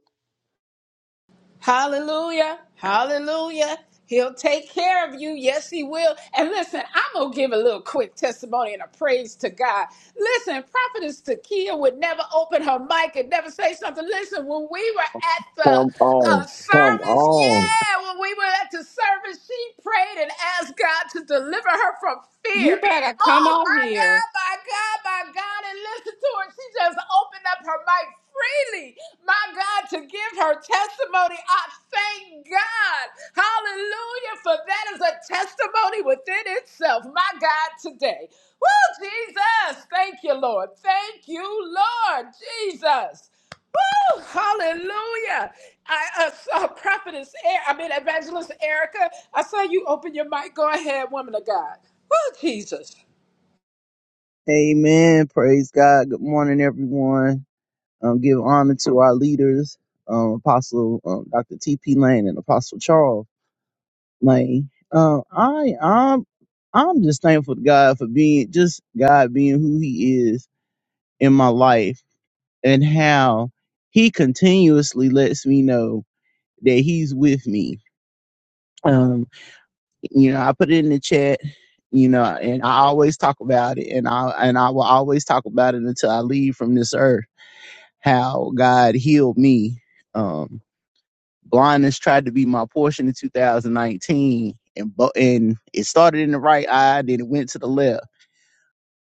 A: Hallelujah. Hallelujah. He'll take care of you. Yes, he will. And listen, I'm going to give a little quick testimony and a praise to God. Listen, Prophetess Takia would never open her mic and never say something. Listen, when we were at the
H: Come
A: uh,
H: on. Come
A: service,
H: on.
A: yeah, when we were at the service, she prayed and asked God to deliver her from fear.
I: You better come
A: Oh,
I: on
A: my
I: here.
A: God, my God, my God. And listen to her. She just opened up her mic freely, my God, to give her testimony. I thank God. Hallelujah. For that is a testimony within itself. My God, today. Woo, Jesus. Thank you, Lord. Thank you, Lord. Jesus. Woo, hallelujah. I uh, saw Prophetess, er- I mean, Evangelist Erica. I saw you open your mic. Go ahead, woman of God. Woo, Jesus.
J: Amen. Praise God. Good morning, everyone. Um, give honor to our leaders, um, Apostle um, Dr. T.P. Lane and Apostle Charles Lane. Um, I, I'm, I'm just thankful to God for being just God being who He is in my life and how He continuously lets me know that He's with me. Um, you know, I put it in the chat. You know, and I always talk about it, and I and I will always talk about it until I leave from this earth how God healed me. Um, blindness tried to be my portion in 2019, and bo- and it started in the right eye, then it went to the left.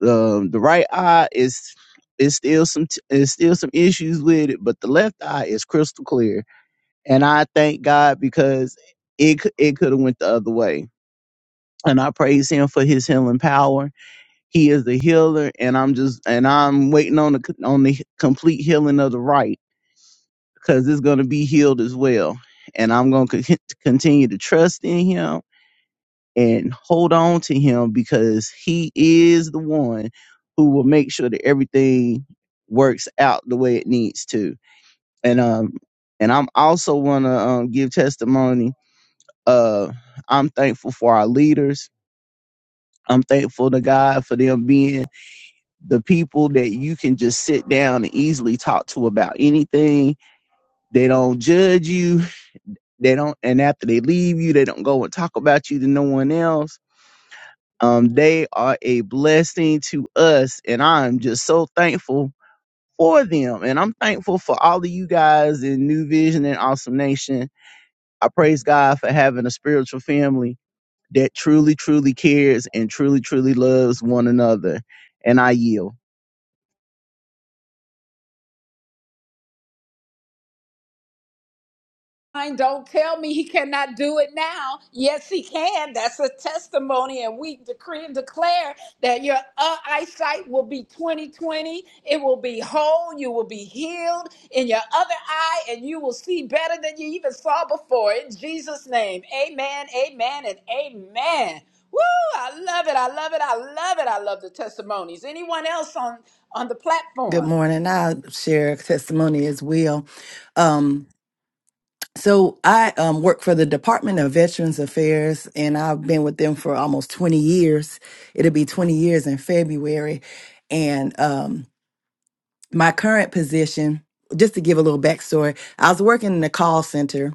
J: Um, the right eye is is still some t- is still some issues with it, but the left eye is crystal clear, and I thank God because it c- it could have went the other way. And I praise him for his healing power. He is the healer, and I'm just and I'm waiting on the c- on the complete healing of the right. because it's going to be healed as well. And I'm going to continue to trust in him and hold on to him because he is the one who will make sure that everything works out the way it needs to. And um and I'm also want to um, give testimony. Uh, I'm thankful for our leaders. I'm thankful to God for them being the people that you can just sit down and easily talk to about anything. They don't judge you They don't, and after they leave you, they don't go and talk about you to no one else. Um, they are a blessing to us, and I'm just so thankful for them. And I'm thankful for all of you guys in New Vision and Awesome Nation. I praise God for having a spiritual family that truly, truly cares and truly, truly loves one another. And I yield.
A: mind. Don't tell me he cannot do it now. Yes, he can. That's a testimony. And we decree and declare that your uh, eyesight will be 2020. It will be whole. You will be healed in your other eye, and you will see better than you even saw before. In Jesus' name, amen, amen, and amen. Woo! I love it. I love it. I love it. I love the testimonies. Anyone else on on the
B: Good
A: platform?
B: morning. I'll share a testimony as well. Um, So I um, work for the Department of Veterans Affairs, and I've been with them for almost 20 years. It'll be 20 years in February. And um, my current position, just to give a little backstory, I was working in the call center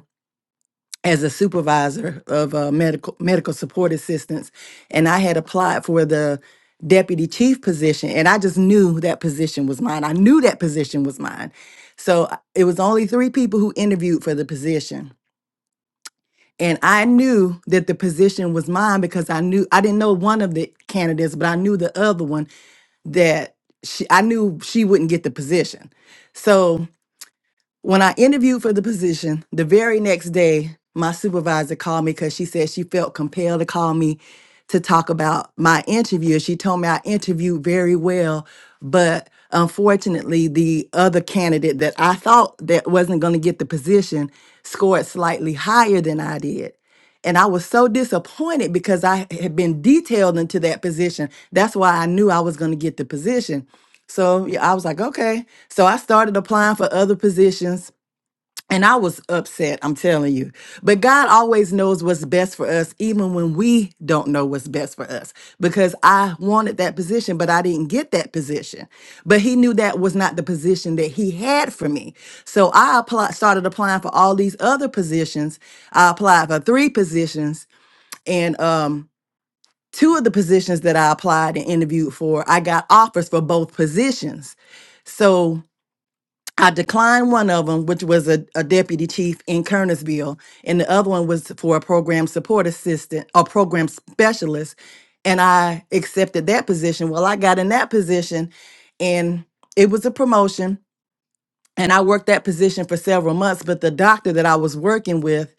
B: as a supervisor of uh, medical medical support assistance, and I had applied for the deputy chief position, and I just knew that position was mine. I knew that position was mine. So it was only three people who interviewed for the position and I knew that the position was mine because I knew I didn't know one of the candidates, but I knew the other one that she I knew she wouldn't get the position. So when I interviewed for the position, the very next day, my supervisor called me because she said she felt compelled to call me to talk about my interview. She told me I interviewed very well, but unfortunately, the other candidate that I thought that wasn't going to get the position scored slightly higher than I did. And I was so disappointed because I had been detailed into that position. That's why I knew I was going to get the position. So yeah, I was like, okay. So I started applying for other positions and I was upset, I'm telling you. But God always knows what's best for us, even when we don't know what's best for us. Because I wanted that position, but I didn't get that position. But He knew that was not the position that He had for me. So I applied, started applying for all these other positions. I applied for three positions, and um, two of the positions that I applied and interviewed for, I got offers for both positions. So I declined one of them, which was a, a deputy chief in Kernersville, and the other one was for a program support assistant or program specialist. And I accepted that position. Well, I got in that position, and it was a promotion. And I worked that position for several months. But the doctor that I was working with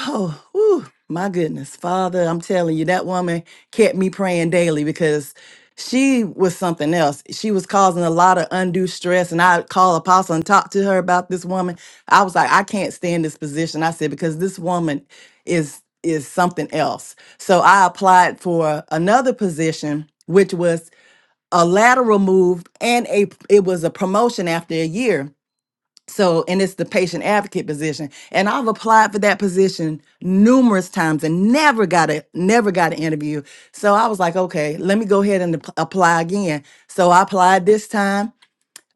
B: Oh, whew, my goodness. Father, I'm telling you, that woman kept me praying daily because she was something else. She was causing a lot of undue stress. And I called Apostle and talked to her about this woman. I was like, I can't stand this position. I said, because this woman is is something else. So I applied for another position, which was a lateral move and a it was a promotion after a year. So, and it's the patient advocate position. And I've applied for that position numerous times and never got a never got an interview. So I was like, okay, let me go ahead and ap- apply again. So I applied this time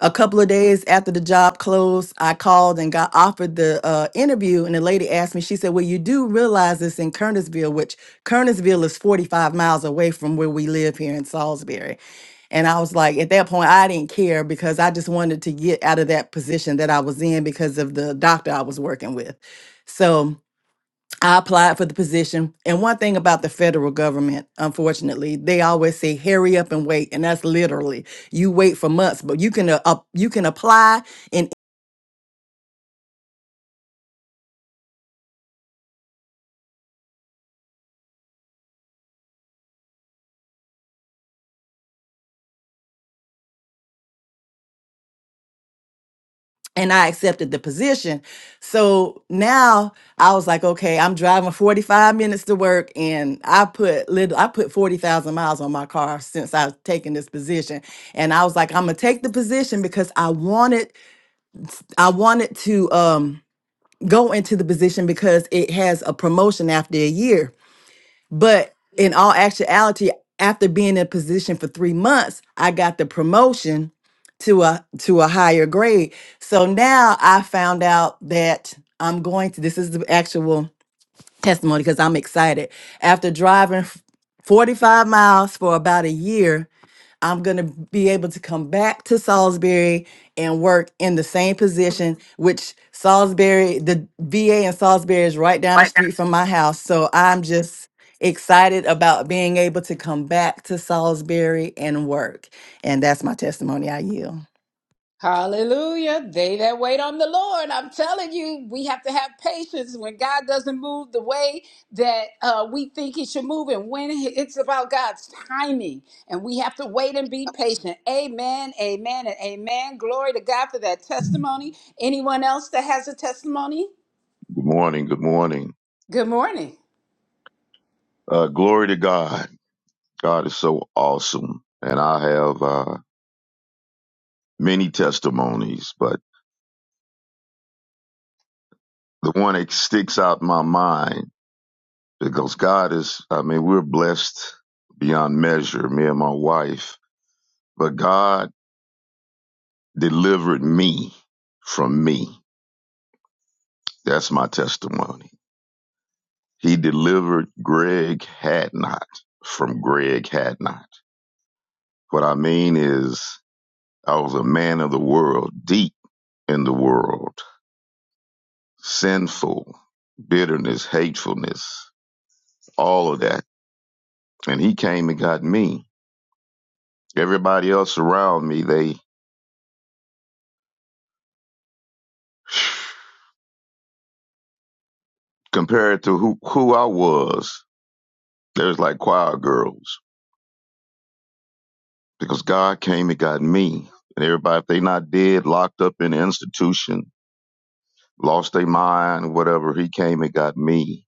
B: a couple of days after the job closed, I called and got offered the uh, interview, and the lady asked me. She said, "Well, you do realize it's in Kernersville, which Kernersville is 45 miles away from where we live here in Salisbury." And I was like, at that point, I didn't care because I just wanted to get out of that position that I was in because of the doctor I was working with. So I applied for the position. And one thing about the federal government, unfortunately, they always say hurry up and wait, and that's literally you wait for months, but you can uh, up- you can apply and and I accepted the position. So now I was like, okay, I'm driving 45 minutes to work and I put little I put 40,000 miles on my car since I've taken this position. And I was like, I'm going to take the position because I wanted I wanted to um go into the position because it has a promotion after a year. But in all actuality, after being in a position for three months, I got the promotion to a to a higher grade. So now I found out that I'm going to this is the actual testimony because I'm excited. After driving f- 45 miles for about a year, I'm going to be able to come back to Salisbury and work in the same position, which Salisbury, the VA in Salisbury is right down the
K: Right now.
B: street from my house. So I'm just excited about being able to come back to Salisbury and work. And that's my testimony. I yield.
A: Hallelujah. They that wait on the Lord. I'm telling you, we have to have patience when God doesn't move the way that uh, we think He should move, and when he- it's about God's timing. And we have to wait and be patient. Amen, amen, and amen. Glory to God for that testimony. Anyone else that has a testimony?
L: Good morning. Good morning.
A: Good morning.
L: Uh, glory to God. God is so awesome. And I have uh, many testimonies, but the one that sticks out in my mind because God is, I mean, we're blessed beyond measure, me and my wife, but God delivered me from me. That's my testimony. He delivered Greg Hadnot from Greg Hadnot. What I mean is, I was a man of the world, deep in the world sinful, bitterness, hatefulness, all of that. And he came and got me. Everybody else around me, they [sighs] compared to who, who I was, they was like choir girls because God came and got me. And everybody, if they not dead, locked up in an institution, lost their mind, whatever, he came and got me.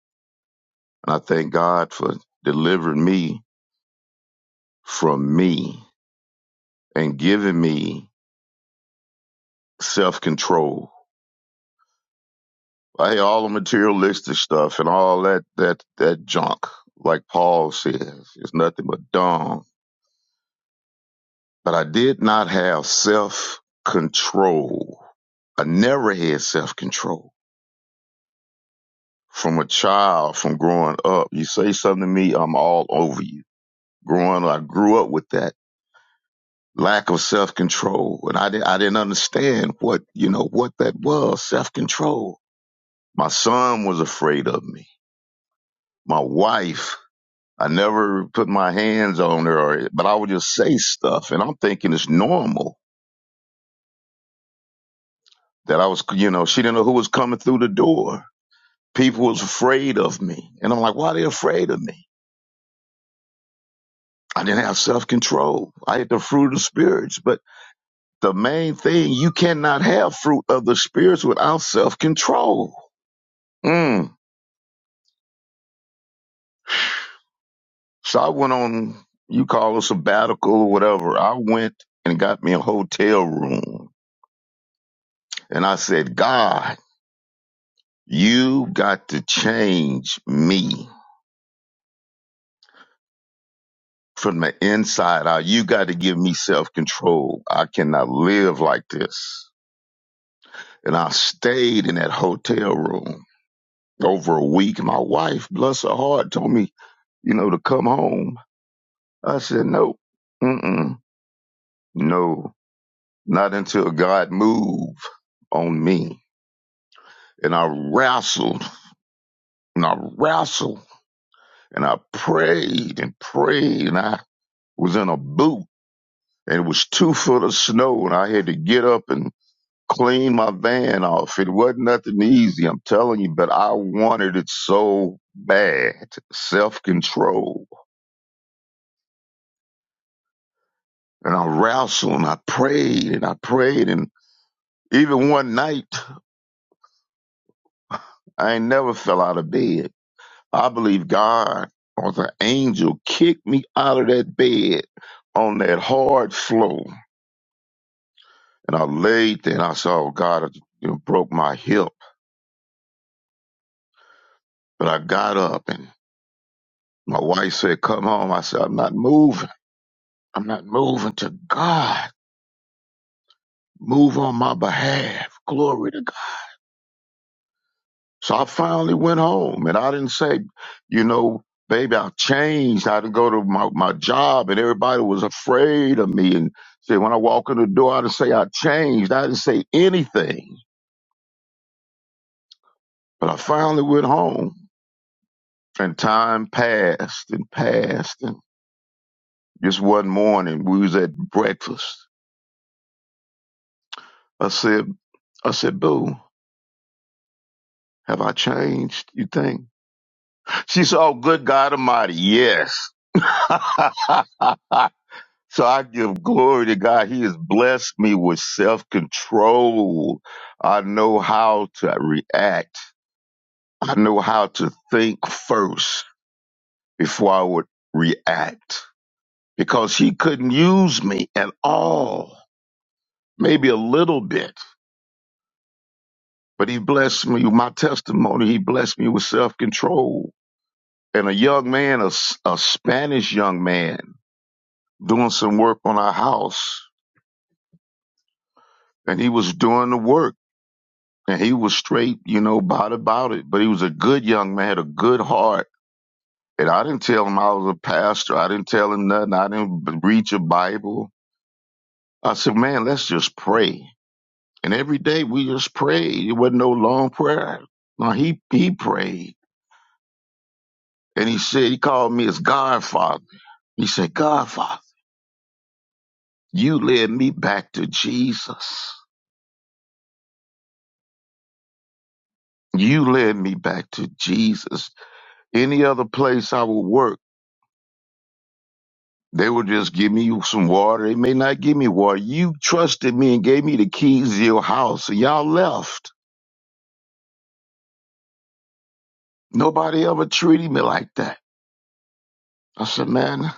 L: And I thank God for delivering me from me and giving me self control I all the materialistic stuff and all that that that junk. Like Paul says, it's nothing but dung. But I did not have self control. I never had self control from a child, from growing up. You say something to me, I'm all over you. Growing, up, I grew up with that lack of self control, and I didn't, I didn't understand what you know what that was self control. My son was afraid of me. My wife I never put my hands on her, or, but I would just say stuff, and I'm thinking it's normal that I was, you know, she didn't know who was coming through the door. People was afraid of me, and I'm like, why are they afraid of me? I didn't have self control. I had the fruit of the spirits, but the main thing you cannot have fruit of the spirits without self control. Mm. So I went on, you call it sabbatical or whatever. I went and got me a hotel room, and I said, God. You got to change me from the inside out. You got to give me self control. I cannot live like this. And I stayed in that hotel room over a week. My wife, bless her heart, told me, you know, to come home. I said, no, mm-mm, no, not until God move on me. And I wrestled and I wrestled and I prayed and prayed and I was in a boot and it was two foot of snow, and I had to get up and clean my van off. It wasn't nothing easy, I'm telling you, but I wanted it so bad. Self control. And I wrestled and I prayed and I prayed. And even one night, I ain't never fell out of bed. I believe God or the angel kicked me out of that bed on that hard floor. And I laid there and I saw God you know, broke my hip. But I got up and My wife said, Come home. I said, I'm not moving. I'm not moving to God. Move on my behalf. Glory to God. So I finally went home and I didn't say, you know, baby, I changed. I didn't go to my, my job and everybody was afraid of me. And said, when I walk in the door, I didn't say I changed. I didn't say anything. But I finally went home and time passed and passed. And just one morning we was at breakfast. I said, I said, boo. Have I changed? You think? She said, Oh, good God Almighty, yes. [laughs] so I give glory to God. He has blessed me with self control. I know how to react. I know how to think first before I would react because he couldn't use me at all, maybe a little bit, but he blessed me with my testimony. He blessed me with self control. And a young man, a a Spanish young man, doing some work on our house and he was doing the work and he was straight, you know, about about it. But he was a good young man, had a good heart. And I didn't tell him I was a pastor. I didn't tell him nothing. I didn't b- read your Bible. I said, man, let's just pray. And every day we just prayed. It wasn't no long prayer. No, he, he prayed and he said, he called me his godfather. He said, Godfather, you led me back to Jesus. You led me back to Jesus Any other place I would work, they would just give me some water. They may not give me water. You trusted me and gave me the keys to your house, and y'all left. Nobody ever treated me like that. I said, man,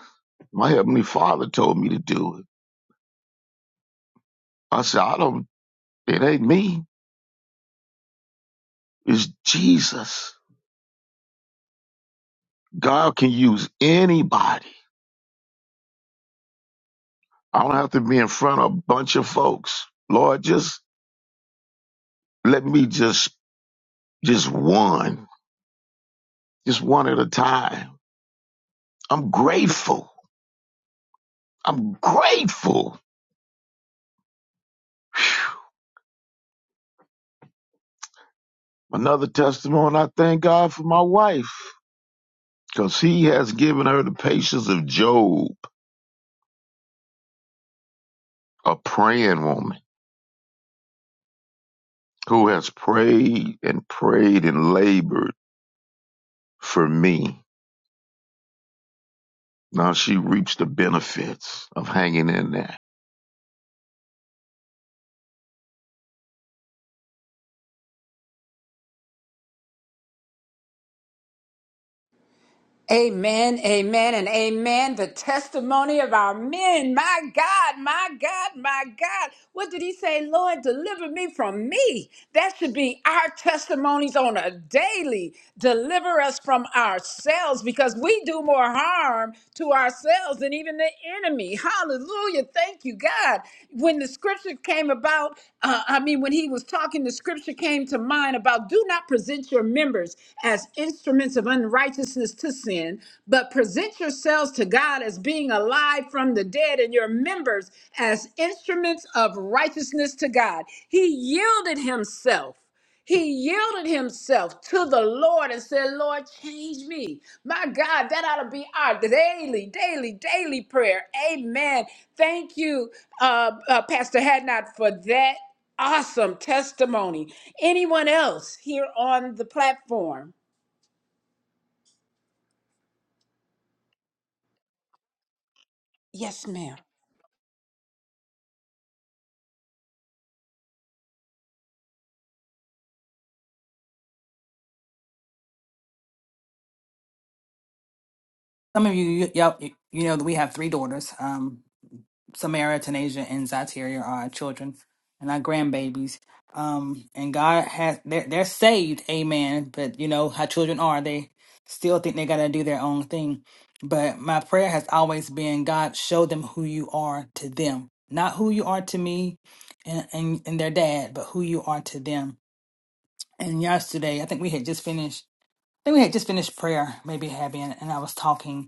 L: my heavenly Father told me to do it. I said, I don't. It ain't me. It's Jesus. God can use anybody. I don't have to be in front of a bunch of folks. Lord, just let me just just one, just one at a time. I'm grateful. I'm grateful. Another testimony, I thank God for my wife because He has given her the patience of Job, a praying woman who has prayed and prayed and labored for me. Now she reaps the benefits of hanging in there.
A: Lord, deliver me from me. That should be our testimonies on a daily. Deliver us from ourselves because we do more harm to ourselves than even the enemy. Hallelujah. Thank you, God. When the scripture came about, uh, I mean, when he was talking the scripture scripture came to mind about do not present your members as instruments of unrighteousness to sin, but present yourselves to God as being alive from the dead and your members as instruments of righteousness to God. He yielded himself he yielded himself to the Lord and said, Lord, change me. My God, that ought to be our daily, daily, daily prayer. Amen. Thank you, uh, uh, Pastor Hadnot, for that. Awesome testimony. Anyone else here on the platform? Yes, ma'am.
D: Some of you, you, y'all- you know that we have three daughters. Um. Samara, Tanasia, and Zateria are our children and our grandbabies. Um, and God has they're they're saved, amen. But you know how children are, they still think they gotta do their own thing. But my prayer has always been God, show them who you are to them. Not who you are to me and, and, and their dad, but who you are to them. And yesterday, I think we had just finished I think we had just finished prayer, maybe having, and I was talking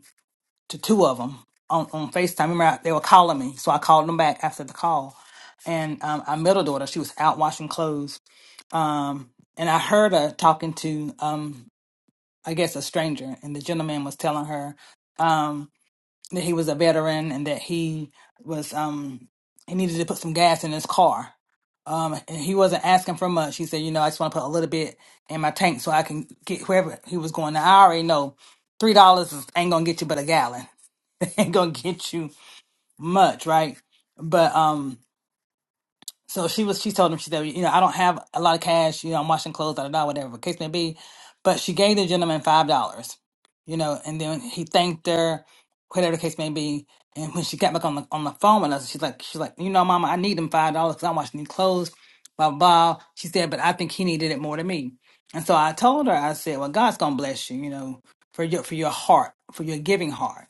D: to two of them on, on FaceTime. Remember, I, they were calling me, so I called them back after the call. And um, our middle daughter, she was out washing clothes, um, and I heard her talking to, um, I guess, a stranger, and the gentleman was telling her um, that he was a veteran and that he was um, he needed to put some gas in his car. Um, and he wasn't asking for much. He said, "You know, I just want to put a little bit in my tank so I can get wherever he was going." Now I already know three dollars ain't gonna get you but a gallon. [laughs] ain't gonna get you much, right? But um, so she was. She told him she said, you know, I don't have a lot of cash. You know, I'm washing clothes, da da da, whatever the case may be. But she gave the gentleman five dollars, you know, and then he thanked her, whatever the case may be. And when she got back on the on the phone with us, she's like, she's like, you know, Mama, I need them five dollars because I'm washing these clothes, blah blah. blah." She said, but I think he needed it more than me. And so I told her, I said, well, God's gonna bless you, you know, for your for your heart, for your giving heart.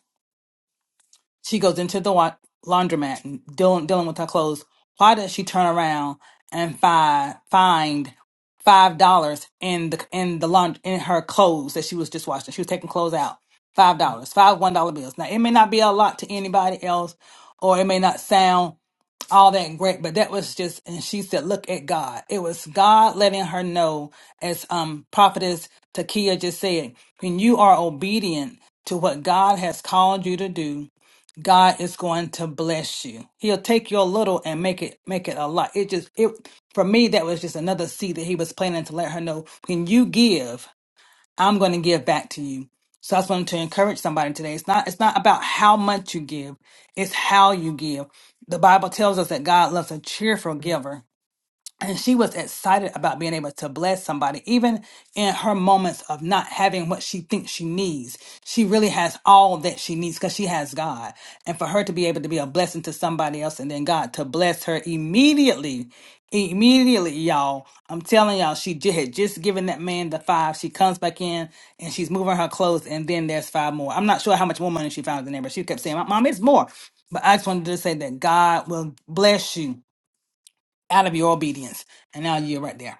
D: She goes into the wa- laundromat and dealing, dealing with her clothes. Why does she turn around and find find five dollars in the in the laund- in her clothes that she was just washing? She was taking clothes out. Five dollars, five one dollar bills. Now it may not be a lot to anybody else, or it may not sound all that great, but that was just. And she said, "Look at God." It was God letting her know, as um prophetess Takia just said, when you are obedient to what God has called you to do God is going to bless you. He'll take your little and make it make it a lot. It just it for me that was just another seed that he was planning to let her know when you give, I'm going to give back to you. So I just wanted to encourage somebody today. It's not it's not about how much you give, it's how you give. The Bible tells us that God loves a cheerful giver and she was excited about being able to bless somebody even in her moments of not having what she thinks she needs she really has all that she needs because she has god and for her to be able to be a blessing to somebody else and then god to bless her immediately immediately y'all i'm telling y'all she ju- had just given that man the five she comes back in and she's moving her clothes and then there's five more i'm not sure how much more money she found in there but she kept saying mom it's more but i just wanted to say that god will bless you out of your obedience. And now you're right there.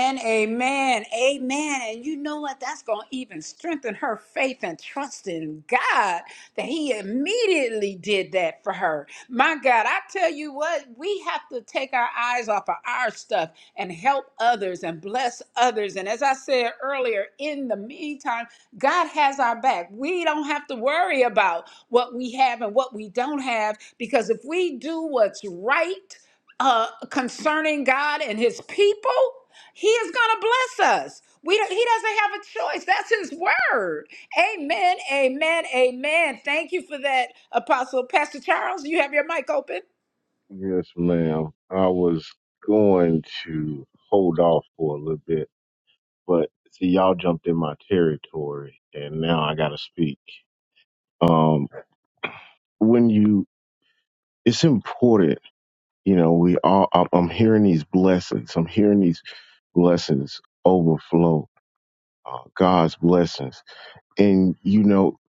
A: Amen, amen, amen. And you know what? That's going to even strengthen her faith and trust in God that He immediately did that for her. My God, I tell you what, we have to take our eyes off of our stuff and help others and bless others. And as I said earlier, in the meantime, God has our back. We don't have to worry about what we have and what we don't have because if we do what's right, uh, concerning God and his people, he is going to bless us. We don't, he doesn't have a choice. That's his word. Amen. Amen. Amen. Thank you for that, Apostle Pastor Charles. You have your mic open.
H: Yes, ma'am. I was going to hold off for a little bit, but see, y'all jumped in my territory and now I got to speak. Um, when you, it's important, you know, we all, I'm I'm hearing these blessings. I'm hearing these blessings overflow, uh, God's blessings. And, you know,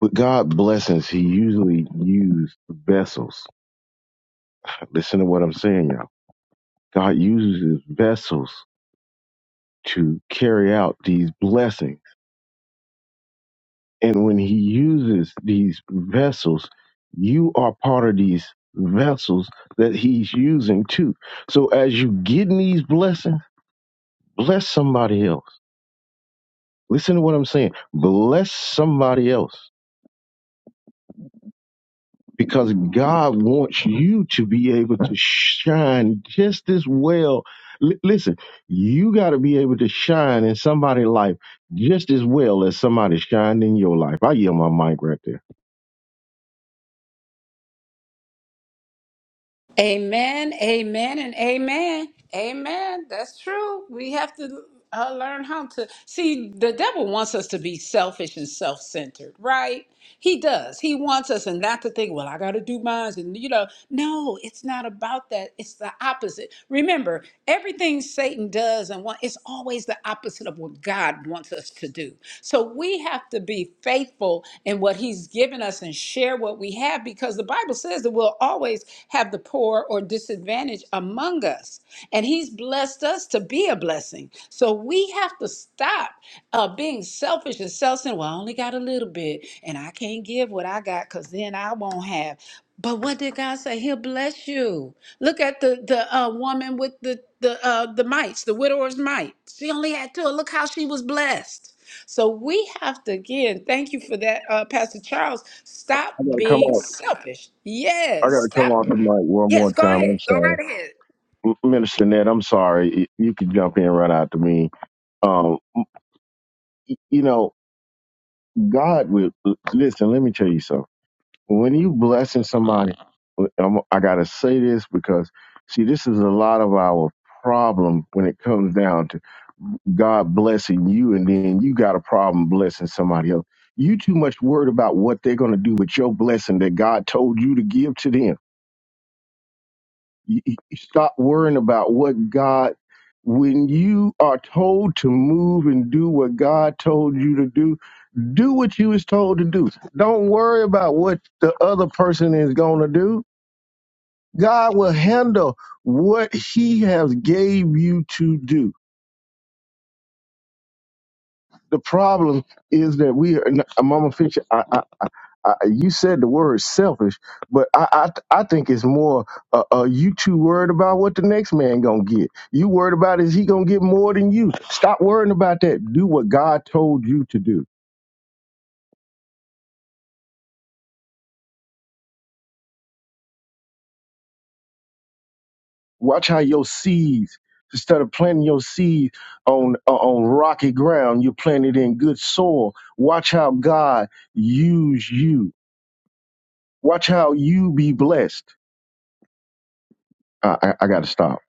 H: with God blessings, he usually used vessels. Listen to what I'm saying, y'all God uses his vessels to carry out these blessings. And when he uses these vessels, you are part of these vessels that he's using too. So as you getting these blessings, bless somebody else. Listen to what I'm saying. Bless somebody else. because God wants you to be able to shine just as well. L- listen, you got to be able to shine in somebody's life just as well as somebody shined in your life. I yell my mic right there.
A: Amen, amen, and amen. Amen. That's true. We have to uh, learn how to see the devil wants us to be selfish and self centered, right? He does. He wants us and not to think, well, I got to do mine. And, you know, no, it's not about that. It's the opposite. Remember, everything Satan does and what it's always the opposite of what God wants us to do. So we have to be faithful in what he's given us and share what we have have because the Bible says that we'll always have the poor or disadvantaged among us. And He's blessed us to be a blessing. So we have to stop uh, being selfish and self centered. Well, I only got a little bit and I can't give what I got because then I won't have. But what did God say? He'll bless you. Look at the the uh, woman with the the uh, the mites, the widower's mite. She only had two. Look how she was blessed. So we have to again. Thank you for that, uh, Pastor Charles. Stop
H: I got to come
A: being
H: off.
A: selfish.
H: I
A: Yes,
H: got to come
A: stop.
H: off the mic one more
A: Yes, go
H: time.
A: ahead.
H: I'm
A: Go
H: sorry,
A: right ahead.
H: M- Minister Ned. I'm sorry. You can jump in right after me. Um, y- you know, God will listen. Let me tell you something. when you blessing somebody, I'm, I gotta say this because see, this is a lot of our problem when it comes down to God blessing you, and then you got a problem blessing somebody else. You too much worried about what they're gonna do with your blessing that God told you to give to them. You, you stop worrying about what God. When you are told to move and do what God told you to do, do what you was told to do. Don't worry about what the other person is going to do God will handle what He has gave you to do. The problem is that we are, not- Mama Fisher. I, I, I, you said the word selfish, but I, I, I think it's more. Uh, uh, you too worried about what the next man gonna get. You worried about is he gonna get more than you? Stop worrying about that. Do what God told you to do. Watch how your seeds, instead of planting your seed on uh, on rocky ground, you plant it in good soil. Watch how God use you. Watch how you be blessed. I, I, I got to stop.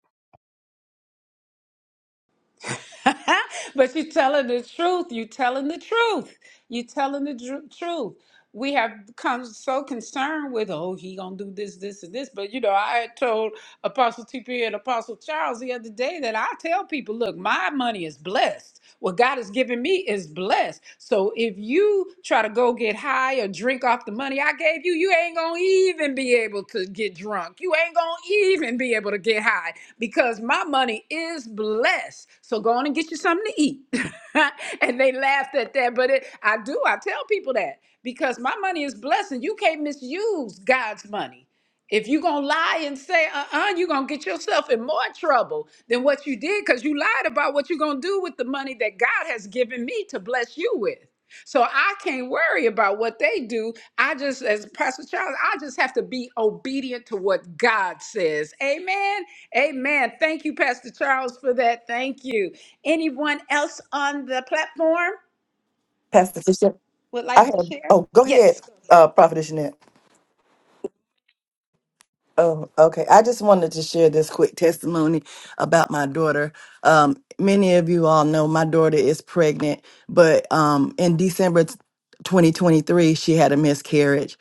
A: [laughs] but you're telling the truth. You're telling the truth. You're telling the dru- truth. We have become so concerned with, oh, he gonna do this, this, and this. But you know, I had told Apostle TP and Apostle Charles the other day that I tell people, look, my money is blessed. What God has given me is blessed. So if you try to go get high or drink off the money I gave you, you ain't gonna even be able to get drunk. You ain't gonna even be able to get high because my money is blessed. So go on and get you something to eat. [laughs] and they laughed at that, but it, I do. I tell people that because my money is blessed and you can't misuse God's money. If you're going to lie and say, uh uh you are going to get yourself in more trouble than what you did because you lied about what you're going to do with the money that God has given me to bless you with. So I can't worry about what they do. I just, as Pastor Charles, I just have to be obedient to what God says. Amen. Amen. Thank you, Pastor Charles, for that. Thank you. Anyone else on the platform?
B: Pastor Fisher, I have, oh, go
A: Yes.
B: ahead, uh, Prophet Jeanette. Oh, okay. I just wanted to share this quick testimony about my daughter. Um, many of you all know my daughter is pregnant, but um, in December t- 2023, she had a miscarriage.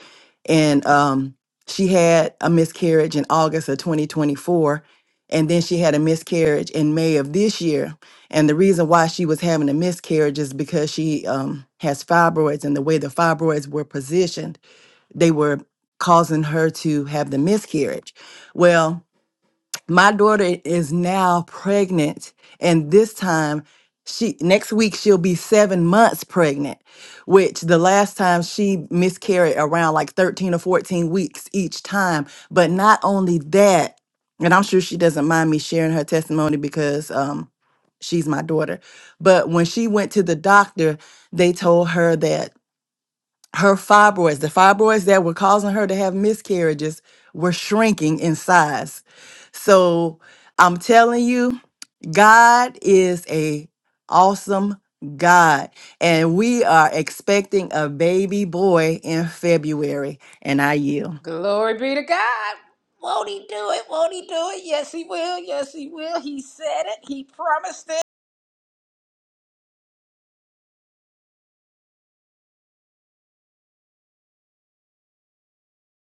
B: And um, she had a miscarriage in August of 2024. And then she had a miscarriage in May of this year. And the reason why she was having a miscarriage is because she um, has fibroids and the way the fibroids were positioned they were causing her to have the miscarriage. Well, my daughter is now pregnant, and this time she next week she'll be seven months pregnant, which the last time she miscarried around like 13 or 14 weeks each time. But not only that, and I'm sure she doesn't mind me sharing her testimony because um she's my daughter. But when she went to the doctor, they told her that her fibroids, the fibroids that were causing her to have miscarriages, were shrinking in size. So I'm telling you, God is a awesome God, and we are expecting a baby boy in February. And I yield.
A: Glory be to God. Won't he do it? Won't he do it? Yes, he will. Yes, he will. He said it. He promised it.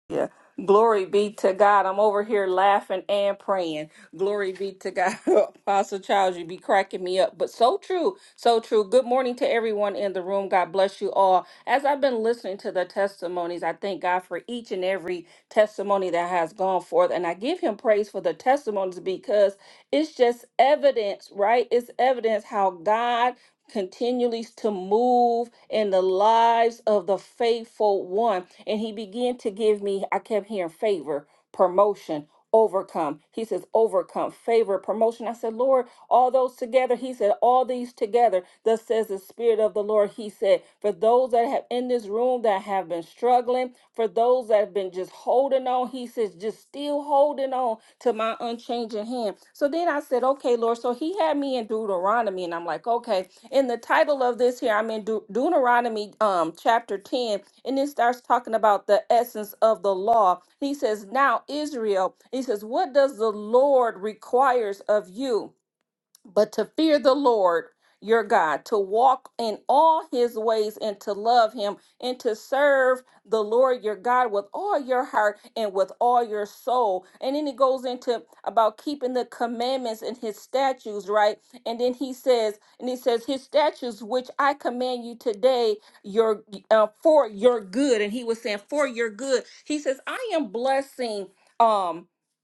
I: Yeah. Glory be to God. I'm over here laughing and praying. Glory be to God. [laughs] Apostle Charles, you be cracking me up. But so true. So true. Good morning to everyone in the room. God bless you all. As I've been listening to the testimonies, I thank God for each and every testimony that has gone forth. And I give him praise for the testimonies because it's just evidence, right? It's evidence how God continually to move in the lives of the faithful one. And he began to give me, I kept hearing favor, promotion, overcome. He says, overcome, favor, promotion. I said, Lord, all those together. He said, All these together. Thus says the Spirit of the Lord. He said, For those that have in this room that have been struggling, for those that have been just holding on, he says, just still holding on to my unchanging hand. So then I said, Okay, Lord. So he had me in Deuteronomy, and I'm like, Okay. In the title of this here, I'm in Deut- Deuteronomy um chapter 10, and it starts talking about the essence of the law. He says, Now Israel, he says, What does the Lord requires of you? but to fear the Lord your God, to walk in all his ways and to love him and to serve the Lord your God with all your heart and with all your soul. And then he goes into about keeping the commandments and his statutes, right? And then he says, and he says, his statutes which I command you today, your uh, for your good. And he was saying, for your good. He says, I am blessing. Um,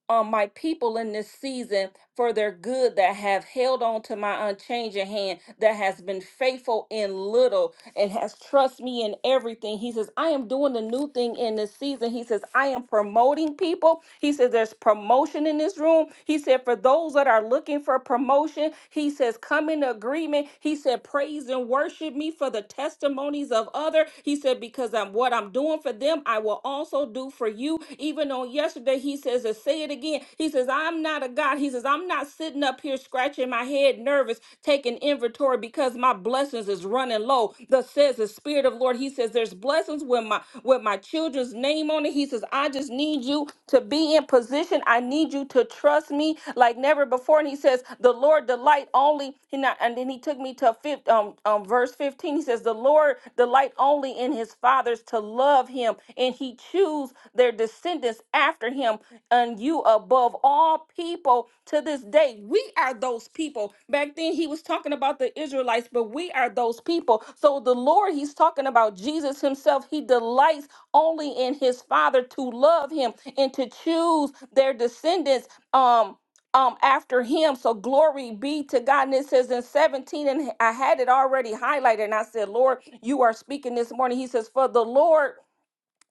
I: on my people in this season for their good that have held on to my unchanging hand that has been faithful in little and has trust me in everything. He says, I am doing a new thing in this season. He says, I am promoting people. He says, there's promotion in this room. He said, for those that are looking for promotion, he says, come in agreement. He said, praise and worship me for the testimonies of other. He said, because I'm what I'm doing for them, I will also do for you. Even on yesterday, he says, to say it again. He says, I'm not a God. He says, I'm not sitting up here scratching my head nervous, taking inventory because my blessings is running low. Thus says the Spirit of Lord. He says, There's blessings with my with my children's name on it. He says, I just need you to be in position. I need you to trust me like never before. And he says, The Lord delight only. He not, and then he took me to fifth um, um verse 15. He says, The Lord Lord delight only in his fathers to love him, and he choose their descendants after him, and you above all people to this day. We are those people. Back then, he was talking about the Israelites, but we are those people. So the Lord, he's talking about Jesus himself. He delights only in his Father to love him and to choose their descendants. Um, um after him. So glory be to God. And it says in 17, and I had it already highlighted, and I said, Lord, you are speaking this morning. He says, For the Lord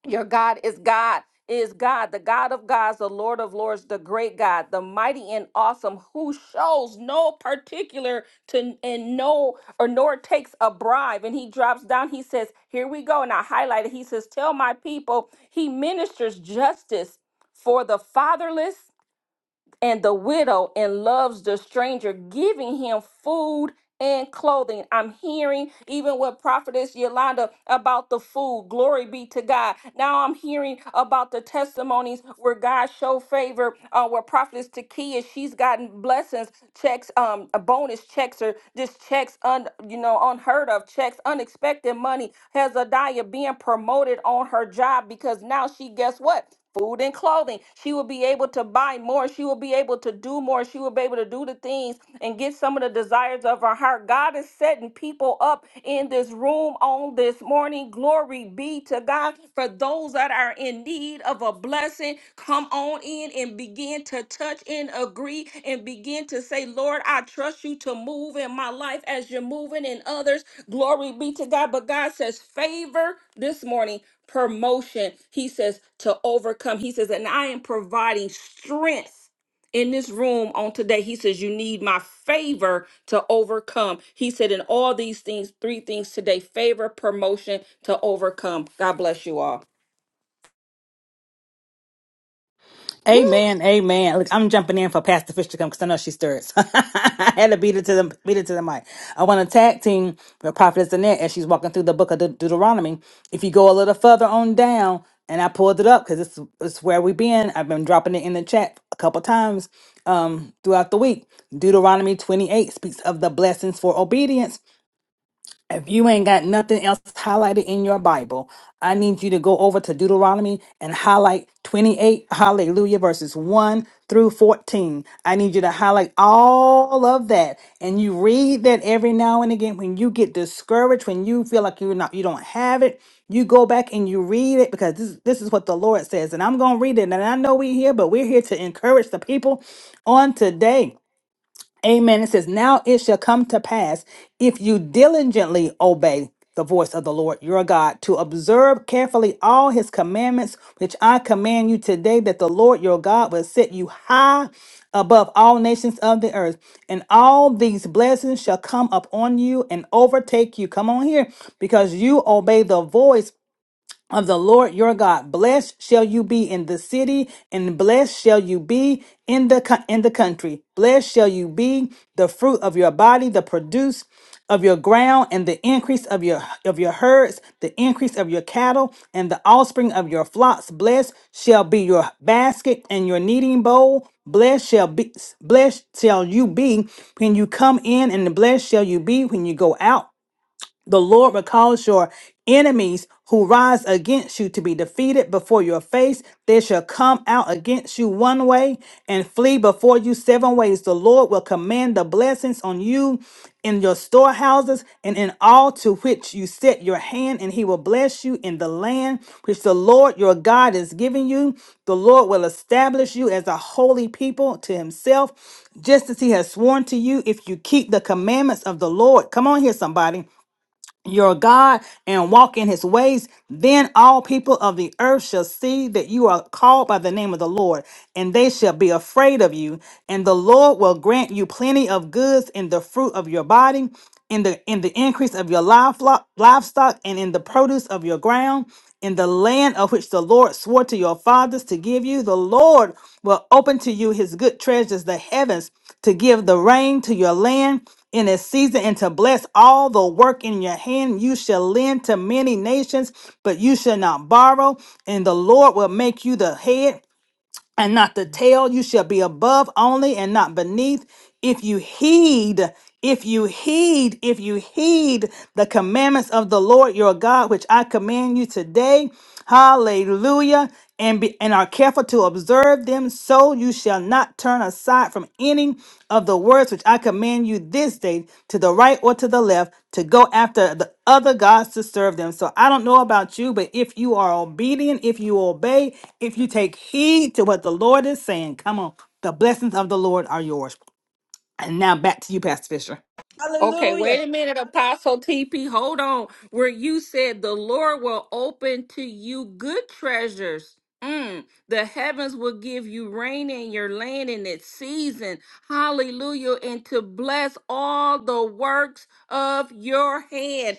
I: your God is God. Is God, the God of gods, the Lord of lords, the great God, the mighty and awesome, who shows no particular to and no or nor takes a bribe. And he drops down, he says, Here we go. And I highlighted, he says, Tell my people, he ministers justice for the fatherless and the widow and loves the stranger, giving him food and clothing. I'm hearing even what Prophetess Yolanda about the food. Glory be to God. Now I'm hearing about the testimonies where God show favor. Uh, where Prophetess Takia, she's gotten blessings, checks, um, uh, bonus checks, or just checks, un, you know, unheard of checks, unexpected money. Hezadiah being promoted on her job because now she, guess what? food and clothing. She will be able to buy more. She will be able to do more. She will be able to do the things and get some of the desires of her heart. God is setting people up in this room on this morning. Glory be to God for those that are in need of a blessing. Come on on in and begin to touch and agree and begin to say, Lord, I trust you to move in my life as you're moving in others. Glory be to God. But God says, favor this morning, promotion. He says, to overcome. He says, and I am providing strength in this room on today. He says, You need my favor to overcome. He said, In all these things, three things today favor, promotion to overcome. God bless you all.
D: Amen. Amen. Look, I'm jumping in for Pastor Fish to come because I know she stirs. [laughs] I had to beat it to the beat it to the mic. I want to tag team with Prophetess Annette as she's walking through the book of De- Deuteronomy. If you go a little further on down, and I pulled it up because it's it's where we've been. I've been dropping it in the chat a couple times um throughout the week. Deuteronomy 28 speaks of the blessings for obedience. If you ain't got nothing else highlighted in your Bible, I need you to go over to Deuteronomy and highlight 28, hallelujah, verses 1 through 14. I need you to highlight all of that. And you read that every now and again when you get discouraged, when you feel like you're not, you don't have it. You go back and you read it because this, this is what the Lord says. And I'm going to read it. And I know we're here, but we're here to encourage the people on today. Amen. It says, Now it shall come to pass if you diligently obey the voice of the Lord your God to observe carefully all his commandments, which I command you today, that the Lord your God will set you high above all nations of the earth. And all these blessings shall come upon you and overtake you. Come on here, because you obey the voice of the Lord your God. Blessed shall you be in the city, and blessed shall you be in the co- in the country. Blessed shall you be the fruit of your body, the produce of your ground, and the increase of your of your herds, the increase of your cattle, and the offspring of your flocks. Blessed shall be your basket and your kneading bowl. Blessed shall be blessed shall you be when you come in, and blessed shall you be when you go out. The Lord will cause your enemies who rise against you to be defeated before your face. They shall come out against you one way and flee before you seven ways. The Lord will command the blessings on you in your storehouses and in all to which you set your hand, and he will bless you in the land which the Lord your God is giving you. The Lord will establish you as a holy people to himself, just as he has sworn to you if you keep the commandments of the Lord. Come on here, somebody your God and walk in his ways, then all people of the earth shall see that you are called by the name of the Lord, and they shall be afraid of you. And the Lord will grant you plenty of goods in the fruit of your body, in the in the increase of your livelock- livestock, and in the produce of your ground, in the land of which the Lord swore to your fathers to give you. The Lord will open to you his good treasures, the heavens, to give the rain to your land in a season and to bless all the work in your hand. You shall lend to many nations, but you shall not borrow. And the Lord will make you the head and not the tail. You shall be above only and not beneath. If you heed, if you heed, if you heed the commandments of the Lord your God, which I command you today, hallelujah, and be and are careful to observe them, so you shall not turn aside from any of the words which I command you this day to the right or to the left to go after the other gods to serve them. So I don't know about you, but if you are obedient, if you obey, if you take heed to what the Lord is saying, come on, the blessings of the Lord are yours. And now back to you, Pastor Fisher.
I: Okay,
A: Hallelujah.
I: wait a minute, Apostle TP. Hold on. Where you said the Lord will open to you good treasures. Mm, the heavens will give you rain in your land in its season. Hallelujah. And to bless all the works of your hand.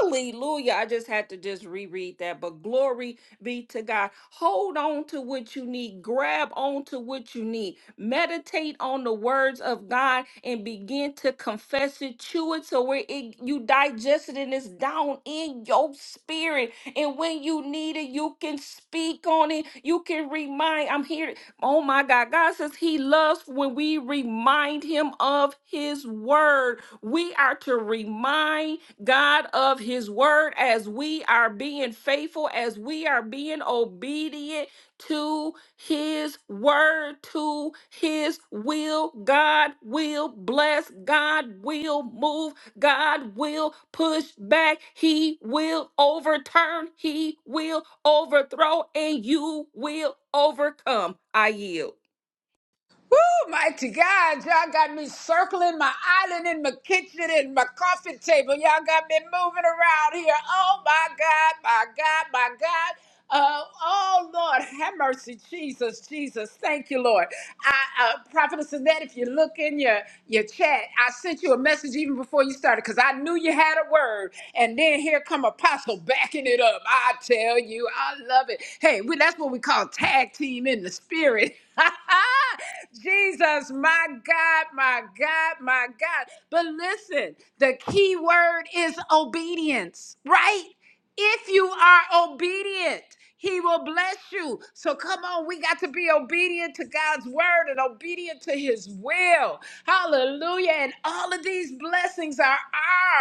I: Hallelujah. I just had to just reread that. But glory be to God. Hold on to what you need, grab on to what you need, meditate on the words of God and begin to confess it, chew it so where it, you digest it and it's down in your spirit. And when you need it, you can speak on it, you can remind. I'm here. Oh my God. God says He loves when we remind Him of His word. We are to remind God of his word, as we are being faithful, as we are being obedient to his word, to his will, God will bless, God will move, God will push back, he will overturn, he will overthrow, and you will overcome. I yield.
A: Woo, mighty God, y'all got me circling my island in my kitchen and my coffee table. Y'all got me moving around here. Oh my God, my God, my God. Uh, oh Lord, have mercy, Jesus, Jesus. Thank you, Lord. I, uh, Prophetess Annette, if you look in your, your chat, I sent you a message even before you started because I knew you had a word. And then here come Apostle backing it up. I tell you, I love it. Hey, we, that's what we call tag team in the spirit. [laughs] Jesus, my God, my God, my God. But listen, the key word is obedience, right? If you are obedient, he will bless you. So come on, we got to be obedient to God's word and obedient to his will. Hallelujah. And all of these blessings are